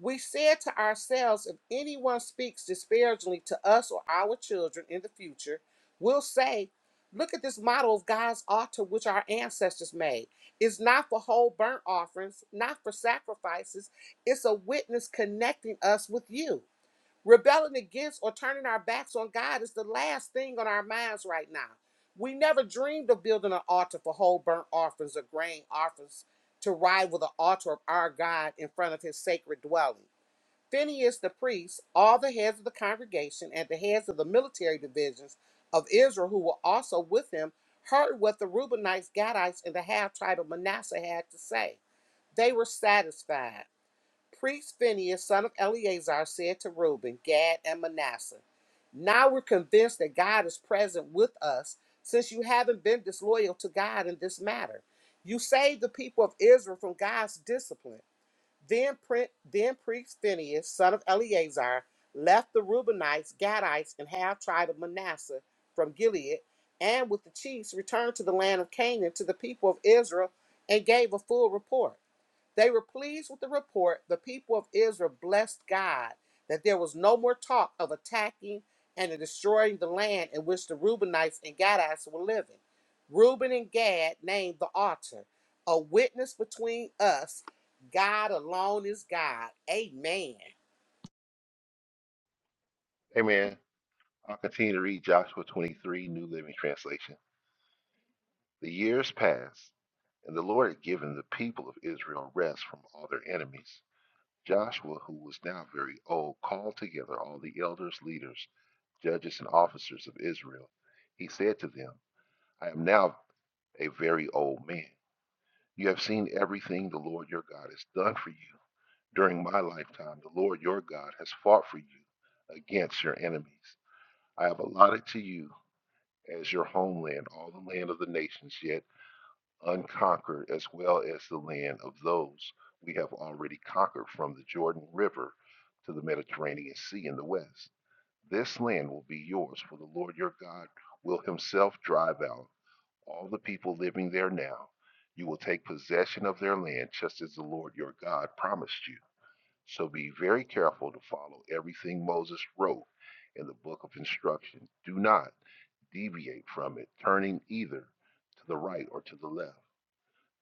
We said to ourselves, if anyone speaks disparagingly to us or our children in the future, we'll say, Look at this model of God's altar which our ancestors made. It's not for whole burnt offerings, not for sacrifices. It's a witness connecting us with you. Rebelling against or turning our backs on God is the last thing on our minds right now. We never dreamed of building an altar for whole burnt offerings or grain offerings to rival the altar of our God in front of his sacred dwelling. Phineas the priest, all the heads of the congregation, and the heads of the military divisions of Israel who were also with him heard what the Reubenites, Gadites, and the half tribe of Manasseh had to say. They were satisfied. Priest Phineas, son of Eleazar, said to Reuben, Gad, and Manasseh, Now we're convinced that God is present with us, since you haven't been disloyal to God in this matter. You saved the people of Israel from God's discipline. Then, then priest Phineas, son of Eleazar, left the Reubenites, Gadites, and half tribe of Manasseh from Gilead, and with the chiefs returned to the land of Canaan to the people of Israel and gave a full report. They were pleased with the report. The people of Israel blessed God that there was no more talk of attacking and of destroying the land in which the Reubenites and Gadites were living. Reuben and Gad named the altar, a witness between us. God alone is God. Amen. Amen. I'll continue to read Joshua 23, New Living Translation. The years passed, and the Lord had given the people of Israel rest from all their enemies. Joshua, who was now very old, called together all the elders, leaders, judges, and officers of Israel. He said to them, I am now a very old man. You have seen everything the Lord your God has done for you. During my lifetime, the Lord your God has fought for you against your enemies. I have allotted to you as your homeland all the land of the nations, yet unconquered, as well as the land of those we have already conquered from the Jordan River to the Mediterranean Sea in the west. This land will be yours, for the Lord your God will himself drive out all the people living there now. You will take possession of their land just as the Lord your God promised you. So be very careful to follow everything Moses wrote in the book of instruction. Do not deviate from it, turning either to the right or to the left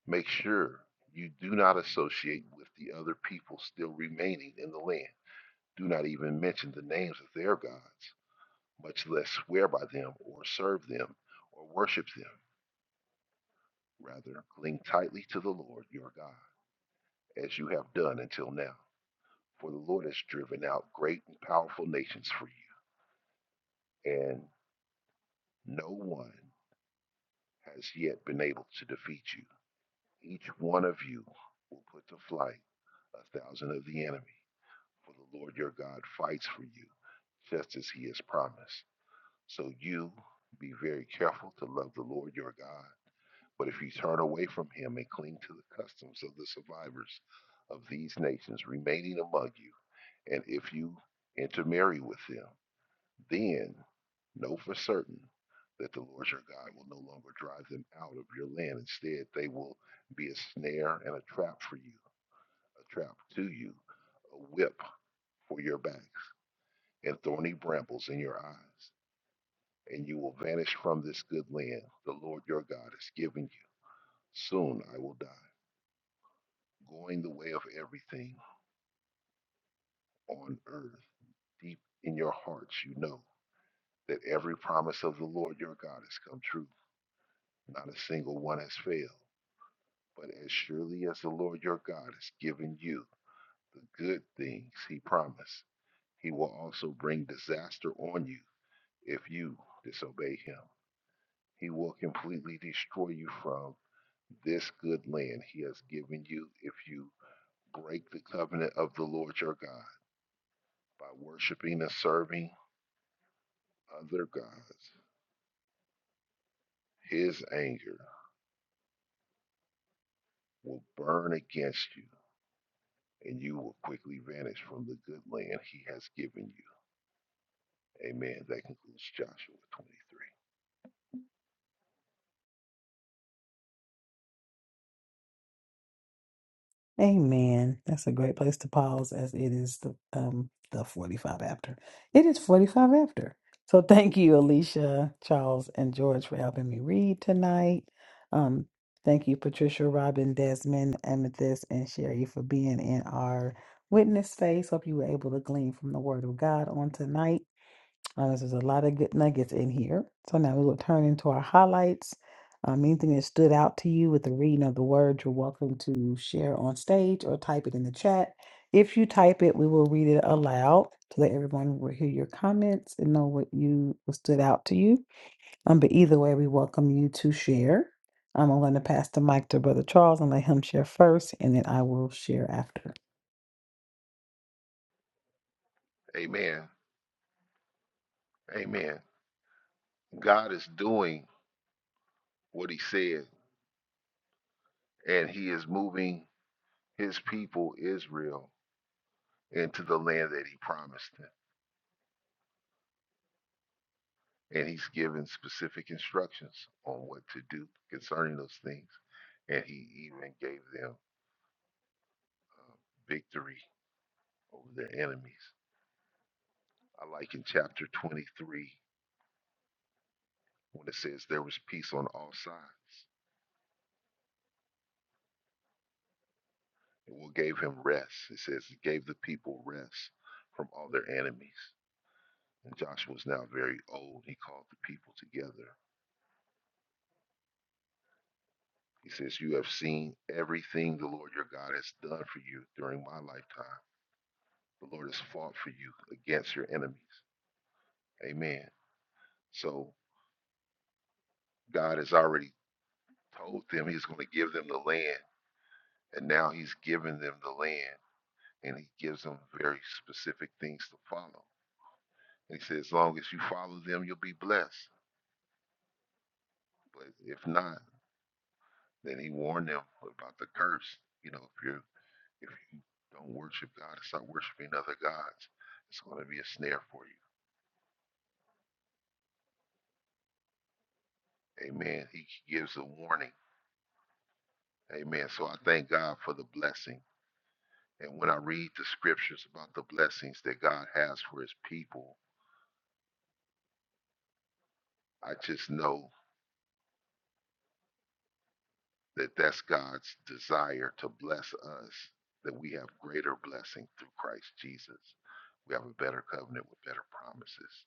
Make sure you do not associate with the other people still remaining in the land. Do not even mention the names of their gods, much less swear by them or serve them or worship them. Rather, cling tightly to the Lord your God, as you have done until now. For the Lord has driven out great and powerful nations for you, and no one has yet been able to defeat you. Each one of you will put to flight a thousand of the enemy. For the Lord your God fights for you, just as he has promised. So you be very careful to love the Lord your God. But if you turn away from him and cling to the customs of the survivors of these nations remaining among you, and if you intermarry with them, then know for certain that the Lord your God will no longer drive them out of your land. Instead, they will be a snare and a trap for you, a trap to you, a whip for your back. and thorny brambles in your eyes, and you will vanish from this good land the Lord your God has given you. Soon I will die, going the way of everything on earth. Deep in your hearts, you know that every promise of the Lord your God has come true. Not a single one has failed. But as surely as the Lord your God has given you the good things he promised, he will also bring disaster on you if you disobey him. He will completely destroy you from this good land he has given you if you break the covenant of the Lord your God by worshiping and serving other gods. His anger will burn against you, and you will quickly vanish from the good land he has given you. Amen. That concludes Joshua Amen. That's a great place to pause as it is the um the 45 after. It is 45 after. So thank you, Alicia, Charles, and George for helping me read tonight. Um, thank you, Patricia, Robin, Desmond, Amethyst, and Sherry for being in our witness space. Hope you were able to glean from the word of God on tonight. Uh, this is a lot of good nuggets in here. So now we will turn into our highlights. Um, anything that stood out to you with the reading of the word, you're welcome to share on stage or type it in the chat. If you type it, we will read it aloud so that everyone will hear your comments and know what you what stood out to you. Um, but either way, we welcome you to share. Um, I'm going to pass the mic to Brother Charles and let him share first, and then I will share after. 23. Amen. Amen. God is doing what he said, and he is moving his people, Israel, into the land that he promised them. and he's given specific instructions on what to do concerning those things. And he even gave them uh, victory over their enemies. I like in chapter 23 when it says there was peace on all sides. It will gave him rest. It says it gave the people rest from all their enemies. And Joshua was now very old. He called the people together. He says, You have seen everything the Lord your God has done for you during my lifetime The Lord has fought for you against your enemies. Amen. So God has already told them He's going to give them the land, and now He's given them the land, and He gives them very specific things to follow. And He says, as long as you follow them, you'll be blessed. But if not, then He warned them about the curse. You know, if you're if you don't worship God and start worshiping other gods, it's going to be a snare for you. Amen. He gives a warning. Amen. So I thank God for the blessing. And when I read the scriptures about the blessings that God has for his people, I just know that that's God's desire to bless us, that we have greater blessing through Christ Jesus. We have a better covenant with better promises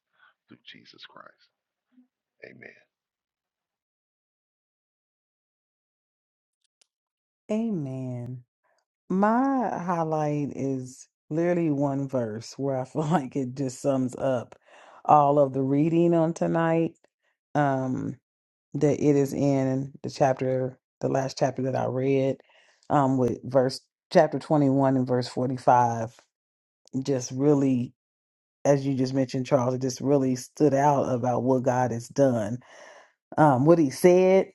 through Jesus Christ. Amen. Amen. My highlight is literally one verse where I feel [LAUGHS] like it just sums up all of the reading on tonight. Um, that it is in the chapter, the last chapter that I read, um, with verse chapter 21 and verse 45. Just really, as you just mentioned, Charles, it just really stood out about what God has done um, what he said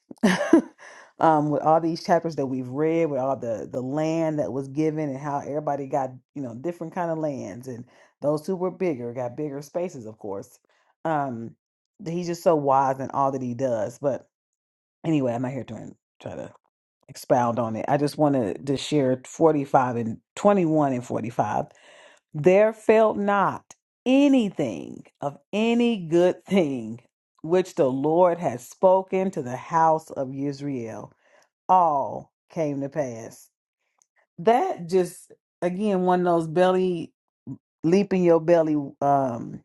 [LAUGHS] um, with all these chapters that we've read, with all the the land that was given, and how everybody got you know different kind of lands, and those who were bigger got bigger spaces, of course. Um, th- he's just so wise in all that he does. But anyway, I'm not here to try to expound on it. I just wanted to share 45 and 21 and 45 there failed not anything of any good thing which the Lord had spoken to the house of Israel. All came to pass. That just, again, one of those belly, leaping your belly um,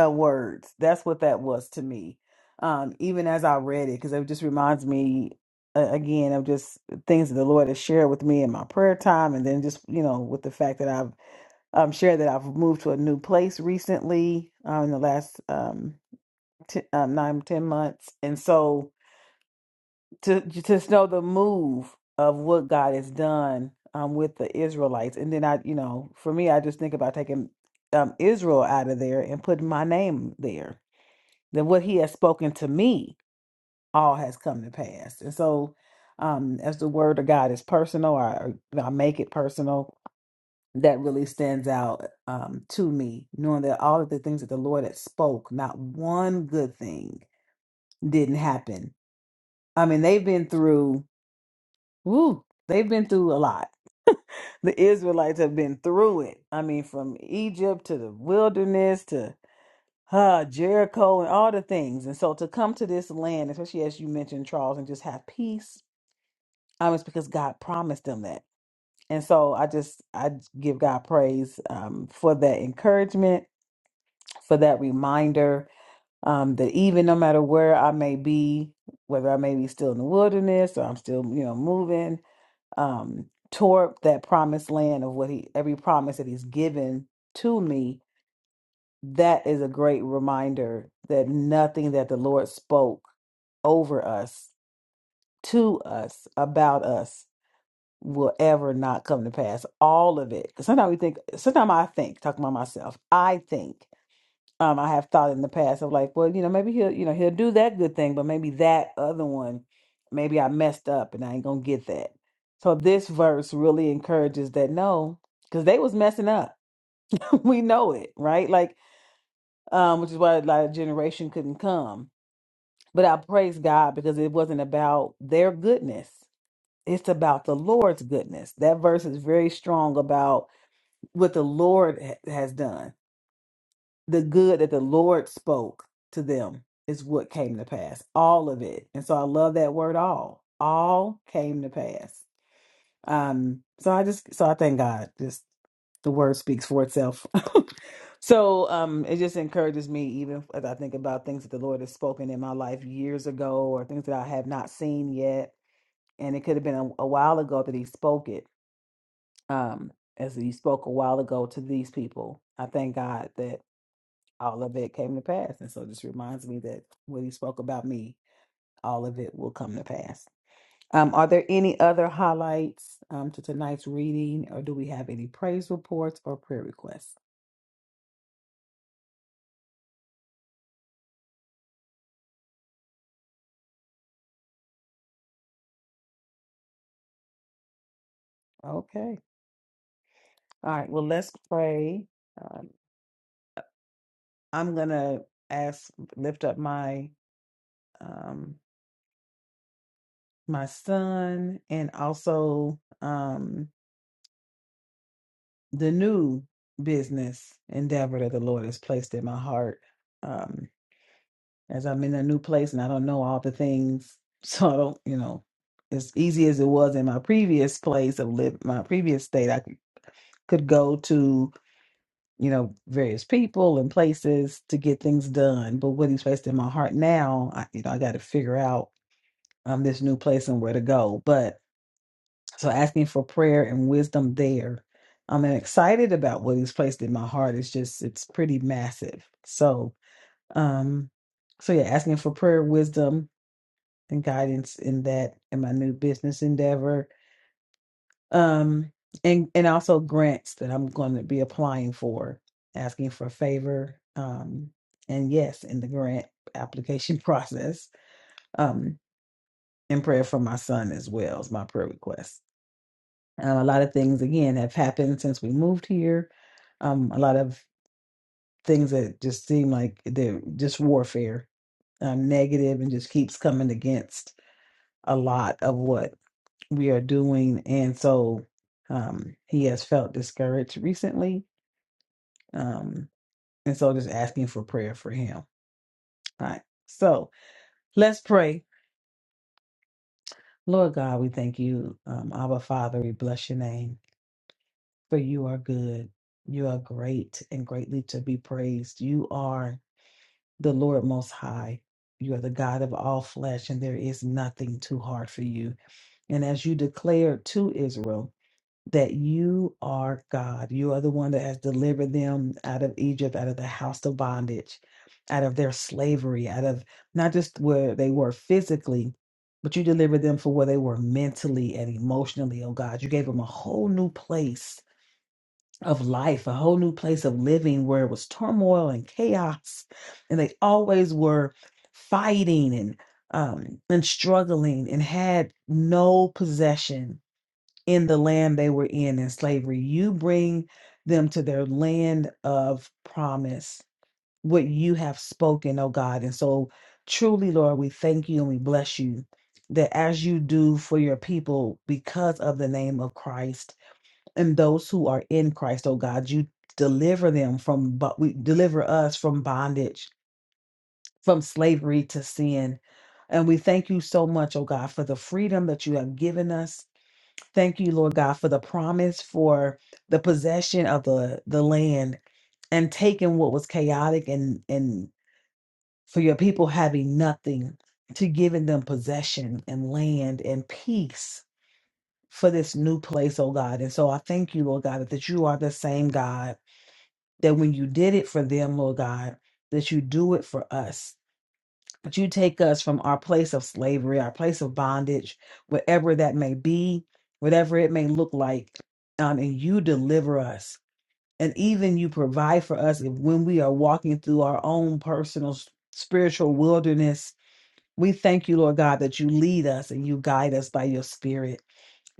uh, words. That's what that was to me, um, even as I read it, because it just reminds me, uh, again, of just things that the Lord has shared with me in my prayer time. And then just, you know, with the fact that I've um, share that I've moved to a new place recently uh, in the last um, t- um, nine, ten months. And so to to just know the move of what God has done um, with the Israelites. And then I, you know, for me, I just think about taking um, Israel out of there and putting my name there. Then what he has spoken to me, all has come to pass. And so um, as the word of God is personal, I, I make it personal that really stands out um, to me, knowing that all of the things that the Lord had spoke, not one good thing didn't happen. I mean, they've been through, woo, they've been through a lot. The Israelites have been through it. I mean, from Egypt to the wilderness to uh, Jericho and all the things. And so to come to this land, especially as you mentioned, Charles, and just have peace, um, it's because God promised them that. And so I just I give God praise um, for that encouragement for that reminder um, that even no matter where I may be, whether I may be still in the wilderness or I'm still, you know, moving um, toward that promised land of what he, every promise that he's given to me, that is a great reminder that nothing that the Lord spoke over us, to us, about us will ever not come to pass. All of it. 'Cause Sometimes we think, sometimes I think, talking about myself, I think um, I have thought in the past of like, well, you know, maybe he'll, you know, he'll do that good thing, but maybe that other one, maybe I messed up and I ain't gonna get that. So this verse really encourages that no, because they was messing up. [LAUGHS] we know it, right? Like, um, which is why like a generation couldn't come. But I praise God because it wasn't about their goodness. It's about the Lord's goodness. That verse is very strong about what the Lord ha- has done the good that the Lord spoke to them is what came to pass. All of it. And so I love that word all. All came to pass. Um so I just so I thank God. Just the word speaks for itself. [LAUGHS] so um it just encourages me even as I think about things that the Lord has spoken in my life years ago or things that I have not seen yet. And it could have been a, a while ago that he spoke it. Um as he spoke a while ago to these people. I thank God that all of it came to pass. And so it just reminds me that when He spoke about me, all of it will come to pass. Um, are there any other highlights um, to tonight's reading, or do we have any praise reports or prayer requests? Okay. All right. Well, let's pray. Um, I'm gonna ask, lift up my um, my son, and also um, the new business endeavor that the Lord has placed in my heart. Um, as I'm in a new place and I don't know all the things. [LAUGHS] So I don't, you know, as easy as it was in my previous place of live, my previous state, I could could go to, you know, various people and places to get things done. But what he's placed in my heart now, I, you know, I got to figure out um, this new place and where to go. But so asking for prayer and wisdom there. I'm excited about what he's placed in my heart. It's just, it's pretty massive. So, um, so yeah, asking for prayer, wisdom, and guidance in that in my new business endeavor um and and also grants that i'm going to be applying for asking for a favor um and yes in the grant application [LAUGHS] process um and prayer for my son as well as my prayer request um, a lot of things again have happened since we moved here um a lot of things that just seem like they're just warfare um negative and just keeps coming against a lot of what we are doing. And so um, he has felt discouraged recently. Um, and so just asking for prayer for him. All right. So let's pray. Lord God, we thank you. Um, Abba Father, we bless your name, for you are good. You are great and greatly to be praised. You are the Lord Most High. You are the God of all flesh, and there is nothing too hard for you. And as you declared to Israel, that you are God. You are the one that has delivered them out of Egypt, out of the house of bondage, out of their slavery, out of not just where they were physically, but you delivered them for where they were mentally and emotionally, oh God. You gave them a whole new place of life, a whole new place of living where it was turmoil and chaos, and they always were fighting and um and struggling and had no possession in the land they were in in slavery. You bring them to their land of promise, what you have spoken, oh God. And so, truly, Lord, we thank you and we bless you that as you do for your people because of the name of Christ and those who are in Christ, oh God, you deliver them from, but we deliver us from bondage, from slavery to sin. And we thank you so much, oh God, for the freedom that you have given us Thank you, Lord God, for the promise for the possession of the, the land and taking what was chaotic and, and for your people having nothing to giving them possession and land and peace for this new place, oh God. And so I thank you, Lord God, that you are the same God, that when you did it for them, Lord God, that you do it for us but you take us from our place of slavery, our place of bondage, whatever that may be, whatever it may look like, um, and you deliver us. And even you provide for us if, when we are walking through our own personal s- spiritual wilderness. We thank you, Lord God, that you lead us and you guide us by your spirit.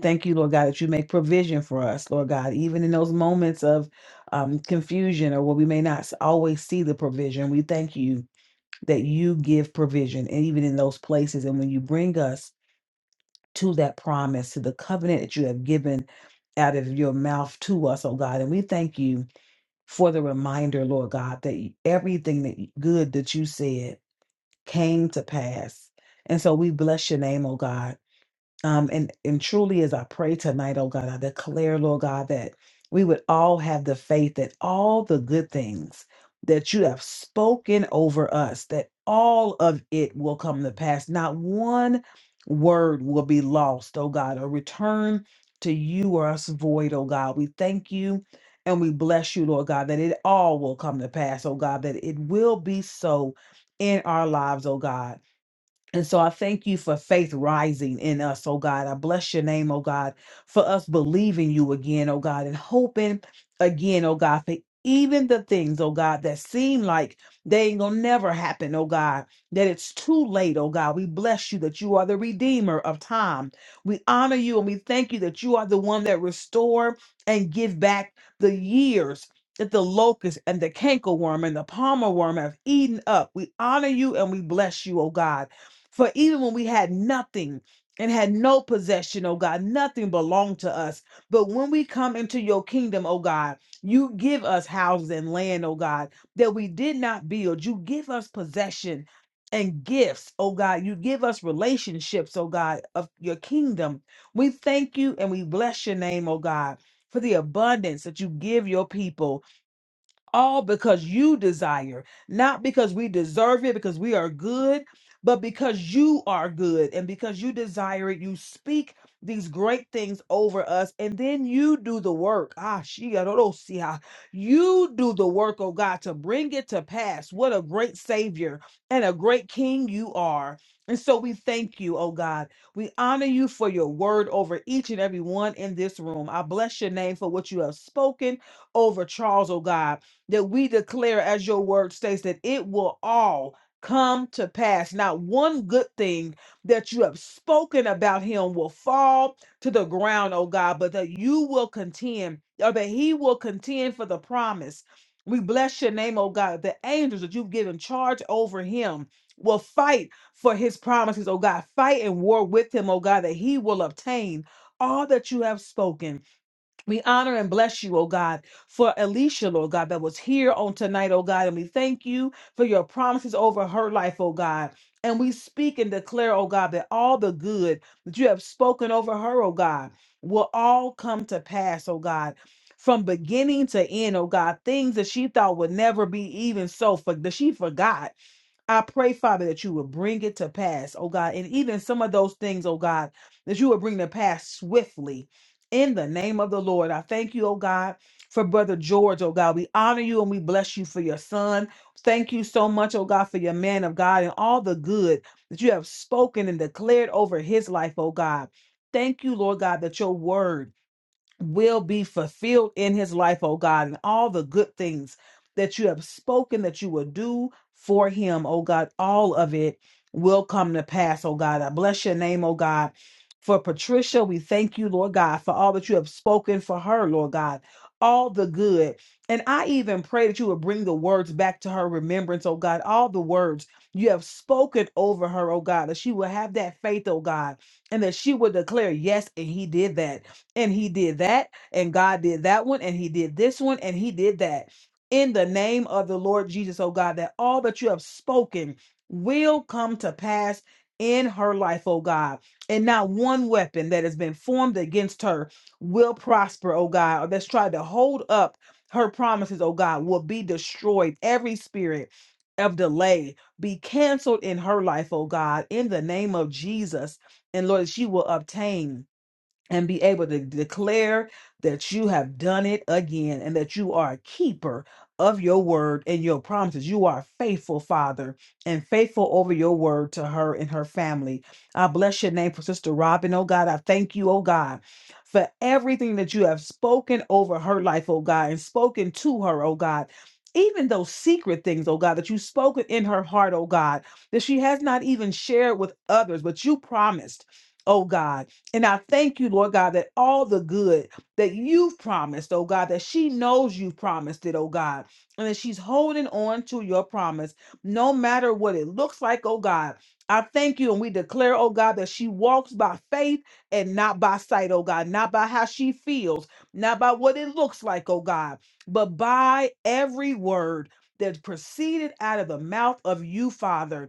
Thank you, Lord God, that you make provision for us, Lord God, even in those moments of um, confusion or where we may not s- always see the provision. We thank you that you give provision, and even in those places. And when you bring us to that promise, to the covenant that you have given out of your mouth to us, oh God. And we thank you for the reminder, Lord God, that everything that good that you said came to pass. And so we bless your name, oh God. Um, and, and truly, as I pray tonight, oh God, I declare, Lord God, that we would all have the faith that all the good things that you have spoken over us, that all of it will come to pass. Not one word will be lost, oh God, or return to you or us void, oh God. We thank you and we bless you, Lord God, that it all will come to pass, oh God, that it will be so in our lives, oh God. And so I thank you for faith rising in us, oh God. I bless your name, oh God, for us believing you again, oh God, and hoping again, oh God, for even the things, oh God, that seem like they ain't gonna never happen, oh God, that it's too late, oh God. We bless you that you are the redeemer of time. We honor you and we thank you that you are the one that restore and give back the years that the locust and the cankerworm and the palmer worm have eaten up. We honor you and we bless you, oh God. For even when we had nothing and had no possession, oh God, nothing belonged to us. But when we come into your kingdom, oh God, you give us houses and land, oh God, that we did not build. You give us possession and gifts, oh God. You give us relationships, oh God, of your kingdom. We thank you and we bless your name, oh God, for the abundance that you give your people all because you desire, not because we deserve it, because we are good, but because you are good and because you desire it, you speak these great things over us, and then you do the work. Ah, she, I don't know, see how you do the work, oh God, to bring it to pass. What a great Savior and a great King you are. And so we thank you, oh God. We honor you for your word over each and every one in this room. I bless your name for what you have spoken over Charles, oh God that we declare, as your word states, that it will all come to pass. Not one good thing that you have spoken about him will fall to the ground, oh God, but that you will contend, or that he will contend for the promise. We bless your name, oh God. The angels that you've given charge over him will fight for his promises, oh God. Fight and war with him, oh God, that he will obtain all that you have spoken. We honor and bless you, oh God, for Alicia, Lord God, that was here on tonight, oh God. And we thank you for your promises over her life, oh God. And we speak and declare, oh God, that all the good that you have spoken over her, oh God, will all come to pass, oh God. From beginning to end, oh God, things that she thought would never be even so, for that she forgot. I pray, Father, that you will bring it to pass, oh God, and even some of those things, oh God, that you will bring to pass swiftly. In the name of the Lord, I thank you, oh God, for Brother George, oh God. We honor you and we bless you for your son. Thank you so much, oh God, for your man of God and all the good that you have spoken and declared over his life, oh God. Thank you, Lord God, that your word will be fulfilled in his life, oh God, and all the good things that you have spoken that you will do for him, oh God, all of it will come to pass, oh God. I bless your name, oh God. For Patricia, we thank you, Lord God, for all that you have spoken for her, Lord God, all the good. And I even pray that you would bring the words back to her remembrance, oh God, all the words you have spoken over her, oh God, that she will have that faith, oh God, and that she will declare, yes, and he did that and he did that and god did that one and he did this one and he did that in the name of the lord jesus oh god that all that you have spoken will come to pass in her life oh god and not one weapon that has been formed against her will prosper oh god or that's tried to hold up her promises oh god will be destroyed every spirit of delay be canceled in her life oh god in the name of jesus and lord that she will obtain and be able to declare that you have done it again and that you are a keeper of your word and your promises. You are a faithful, Father, and faithful over your word to her and her family. I bless your name for Sister Robin. Oh God, I thank you, oh God, for everything that you have spoken over her life, oh God, and spoken to her, oh God. Even those secret things, oh God, that you spoken in her heart, oh God, that she has not even shared with others, but you promised, oh God. And I thank you, Lord God, that all the good that you've promised, oh God, that she knows you've promised it, oh God, and that she's holding on to your promise, no matter what it looks like, oh God. I thank you, and we declare, oh God, that she walks by faith and not by sight, oh God, not by how she feels, not by what it looks like, oh God, but by every word that proceeded out of the mouth of you, Father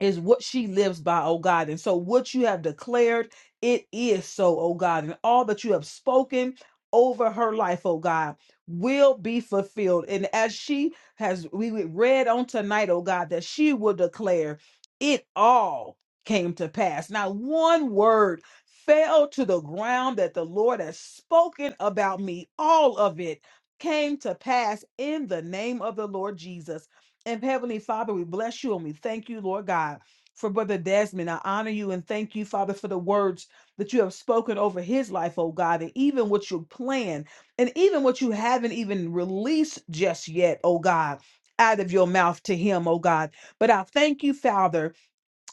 is what she lives by, oh God. And so what you have declared, it is so, oh God. And all that you have spoken over her life, oh God, will be fulfilled. And as she has we read on tonight, oh God, that she will declare it all came to pass. Not one word fell to the ground that the Lord has spoken about me. All of it came to pass in the name of the Lord Jesus. And Heavenly Father, we bless you and we thank you, Lord God, for Brother Desmond. I honor you and thank you, Father, for the words that you have spoken over his life, oh God, and even what you plan and even what you haven't even released just yet, oh God. Out of your mouth to him, oh God. But I thank you, Father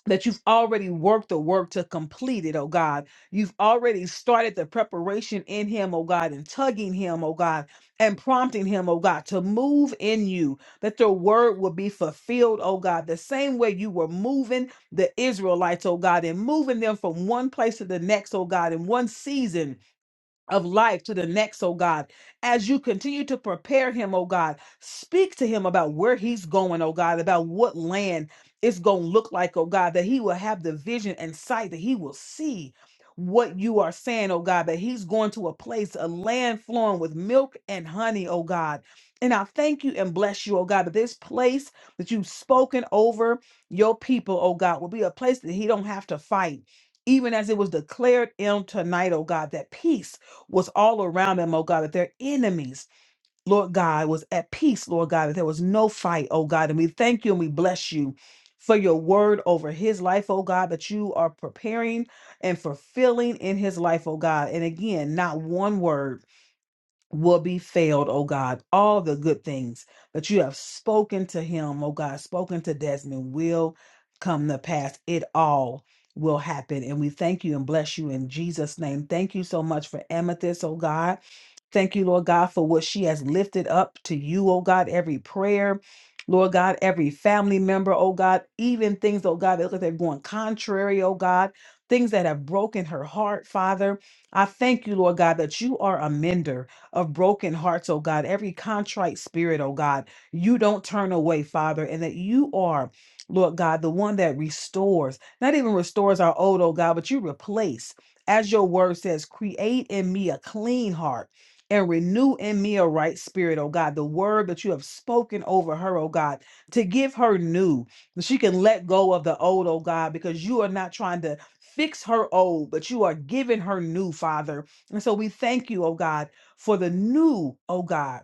that you've already worked the work to complete it, oh God. You've already started the preparation in him, oh God, and tugging him, oh God, and prompting him, oh God, to move in you, that the word will be fulfilled, oh God, the same way you were moving the Israelites, oh God, and moving them from one place to the next, oh God, in one season of life to the next, oh God. As you continue to prepare him, oh God, speak to him about where he's going, oh God, about what land it's going to look like, oh God, that he will have the vision and sight, that he will see what you are saying, oh God, that he's going to a place, a land flowing with milk and honey, oh God. And I thank you and bless you, oh God, that this place that you've spoken over your people, oh God, will be a place that he don't have to fight even as it was declared in tonight, oh God, that peace was all around them, oh God, that their enemies, Lord God, was at peace, Lord God, that there was no fight, oh God. And we thank you and we bless you for your word over his life, oh God, that you are preparing and fulfilling in his life, oh God. And again, not one word will be failed, oh God. All the good things that you have spoken to him, oh God, spoken to Desmond will come to pass. It all will happen. And we thank you and bless you in Jesus' name. Thank you so much for Amethyst, oh God. Thank you, Lord God, for what she has lifted up to you, oh God, every prayer. Lord God, every family member, oh God, even things, oh God, that look like they're going contrary, oh God, things that have broken her heart, Father. I thank you, Lord God, that you are a mender of broken hearts, oh God, every contrite spirit, oh God, you don't turn away, Father, and that you are, Lord God, the one that restores, not even restores our old, oh God, but you replace. As your word says, create in me a clean heart and renew in me a right spirit, oh God. The word that you have spoken over her, oh God, to give her new, that she can let go of the old, oh God, because you are not trying to fix her old, but you are giving her new, Father. And so we thank you, oh God for the new, oh God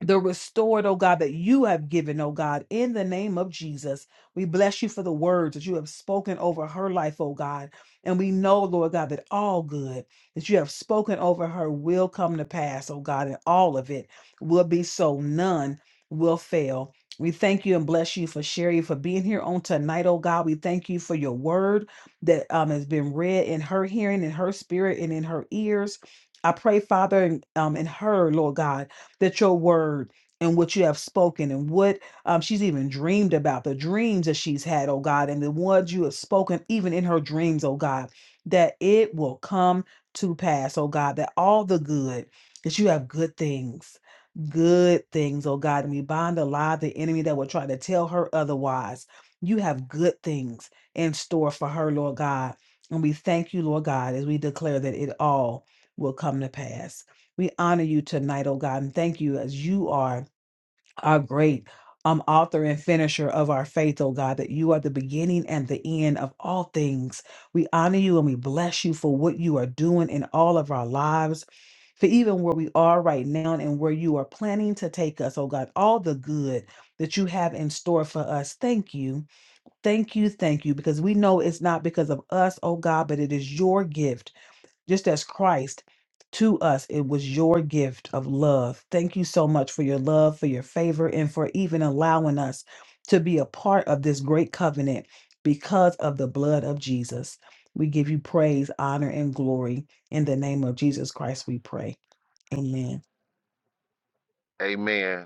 the restored, oh God, that you have given, oh God, in the name of Jesus. We bless you for the words that you have spoken over her life, oh God. And we know, Lord God, that all good that you have spoken over her will come to pass, oh God, and all of it will be so. None will fail. We thank you and bless you for Sherry for being here on tonight, oh God. We thank you for your word that um, has been read in her hearing, in her spirit, and in her ears. I pray, Father, and um, in her, Lord God that your word and what you have spoken and what um, she's even dreamed about, the dreams that she's had, oh God, and the ones you have spoken even in her dreams, oh God, that it will come to pass, oh God, that all the good, that you have good things, good things, oh God, and we bind alive the enemy that will try to tell her otherwise. You have good things in store for her, Lord God. And we thank you, Lord God, as we declare that it all will come to pass. We honor you tonight, oh God, and thank you as you are our great um, author and finisher of our faith, oh God, that you are the beginning and the end of all things. We honor you and we bless you for what you are doing in all of our lives, for even where we are right now and where you are planning to take us, oh God, all the good that you have in store for us. Thank you. Thank you. Thank you. Because we know it's not because of us, oh God, but it is your gift just as Christ to us, it was your gift of love. Thank you so much for your love, for your favor, and for even allowing us to be a part of this great covenant because of the blood of Jesus. We give you praise, honor, and glory. In the name of Jesus Christ, we pray. Amen. Amen.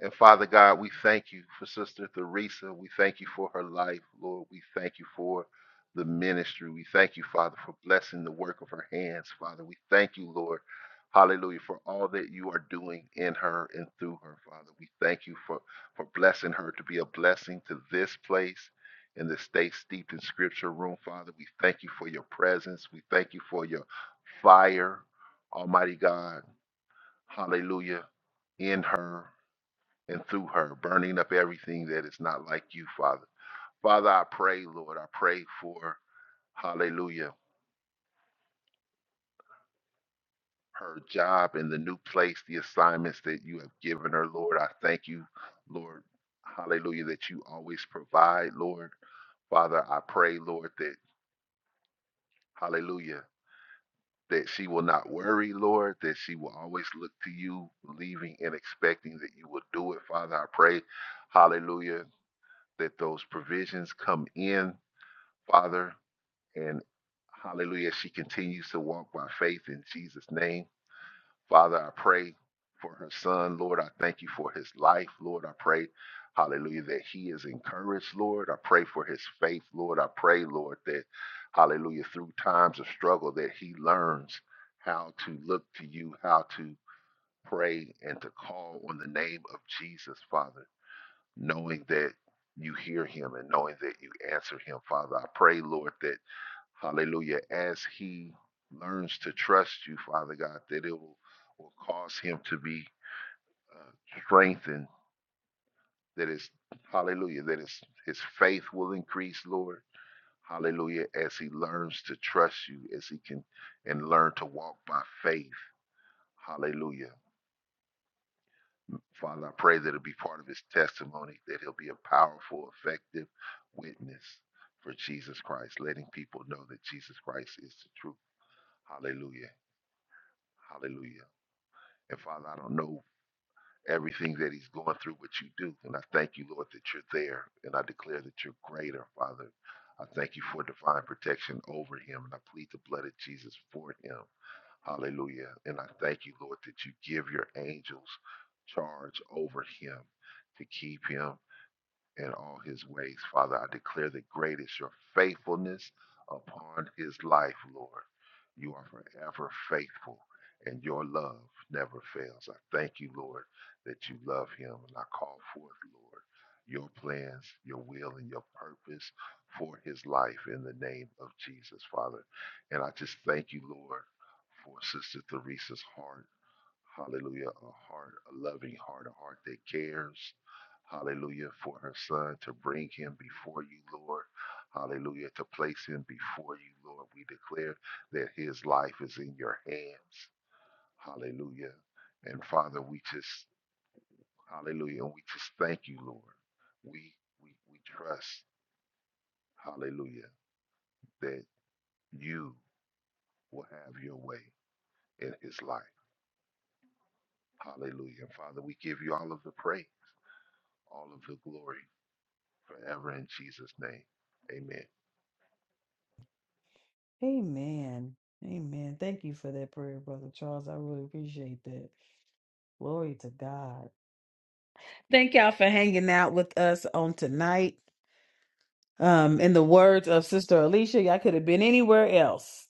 And Father God, we thank you for Sister Theresa. We thank you for her life, Lord. We thank you for the ministry. We thank you, Father, for blessing the work of her hands, Father. We thank you, Lord. Hallelujah, for all that you are doing in her and through her, Father. We thank you for, for blessing her to be a blessing to this place and the Stay Steeped in Scripture room, Father. We thank you for your presence. We thank you for your fire, Almighty God. Hallelujah, in her and through her, burning up everything that is not like you, Father. Father, I pray, Lord, I pray for, hallelujah, her job and the new place, the assignments that you have given her, Lord. I thank you, Lord, hallelujah, that you always provide, Lord. Father, I pray, Lord, that, hallelujah, that she will not worry, Lord, that she will always look to you, believing and expecting that you will do it, Father. I pray, hallelujah, that those provisions come in, Father. And hallelujah, she continues to walk by faith in Jesus' name. Father, I pray for her son. Lord, I thank you for his life. Lord, I pray, hallelujah, that he is encouraged, Lord. I pray for his faith, Lord. I pray, Lord, that, hallelujah, through times of struggle, that he learns how to look to you, how to pray and to call on the name of Jesus, Father, knowing that you hear him and knowing that you answer him, Father. I pray, Lord, that. Hallelujah. As he learns to trust you, Father God, that it will, will cause him to be uh, strengthened. That is, hallelujah, that his, his faith will increase, Lord. Hallelujah. As he learns to trust you, as he can and learn to walk by faith. Hallelujah. Father, I pray that it'll be part of his testimony, that he'll be a powerful, effective witness for Jesus Christ, letting people know that Jesus Christ is the truth. Hallelujah. Hallelujah. And Father, I don't know everything that he's going through, but you do. And I thank you, Lord, that you're there. And I declare that you're greater, Father. I thank you for divine protection over him. And I plead the blood of Jesus for him. Hallelujah. And I thank you, Lord, that you give your angels charge over him to keep him in all his ways. Father, I declare that great is your faithfulness upon his life, Lord. You are forever faithful, and your love never fails. I thank you, Lord, that you love him, and I call forth, Lord, your plans, your will, and your purpose for his life in the name of Jesus, Father. And I just thank you, Lord, for Sister Teresa's heart. Hallelujah. A heart, a loving heart, a heart that cares. Hallelujah. For her son to bring him before you, Lord. Hallelujah. To place him before you, Lord. We declare that his life is in your hands. Hallelujah. And Father, we just, hallelujah. And we just thank you, Lord. We, we, we trust, hallelujah, that you will have your way in his life. Hallelujah. And Father, we give you all of the praise, all of the glory. forever in Jesus' name. Amen. Amen. Amen. Thank you for that prayer, Brother Charles. I really appreciate that. Glory to God. Thank y'all for hanging out with us on tonight. Um, in the words of Sister Alicia, y'all could have been anywhere else.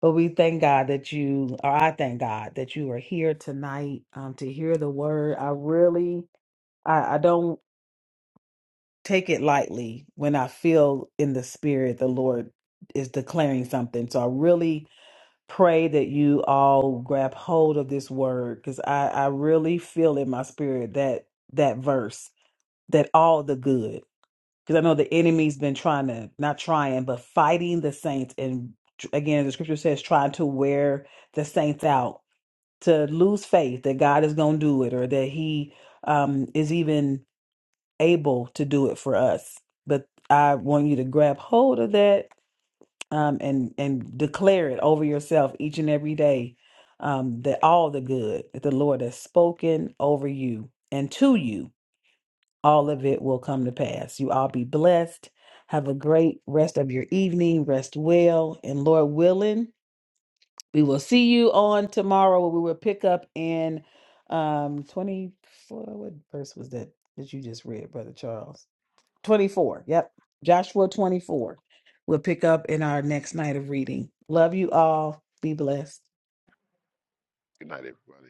But we thank God that you, or I thank God that you are here tonight um, to hear the word. I really, I, I don't take it lightly when I feel in the spirit the Lord is declaring something. So I really pray that you all grab hold of this word because I, I really feel in my spirit that that verse that all the good. because I know the enemy's been trying to not trying, but fighting the saints. And again, the scripture says trying to wear the saints out to lose faith that God is going to do it or that He um, is even able to do it for us. But I want you to grab hold of that um, and and declare it over yourself each and every day um, that all the good that the Lord has spoken over you and to you all of it will come to pass. You all be blessed. Have a great rest of your evening. Rest well. And Lord willing, we will see you on tomorrow where we will pick up in um 24. What verse was that that you just read, Brother Charles? 24. Yep. Joshua 24. We'll pick up in our next night of reading. Love you all. Be blessed. Good night, everybody.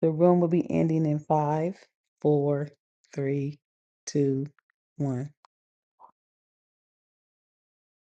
The room will be ending in five, four, three, two, one.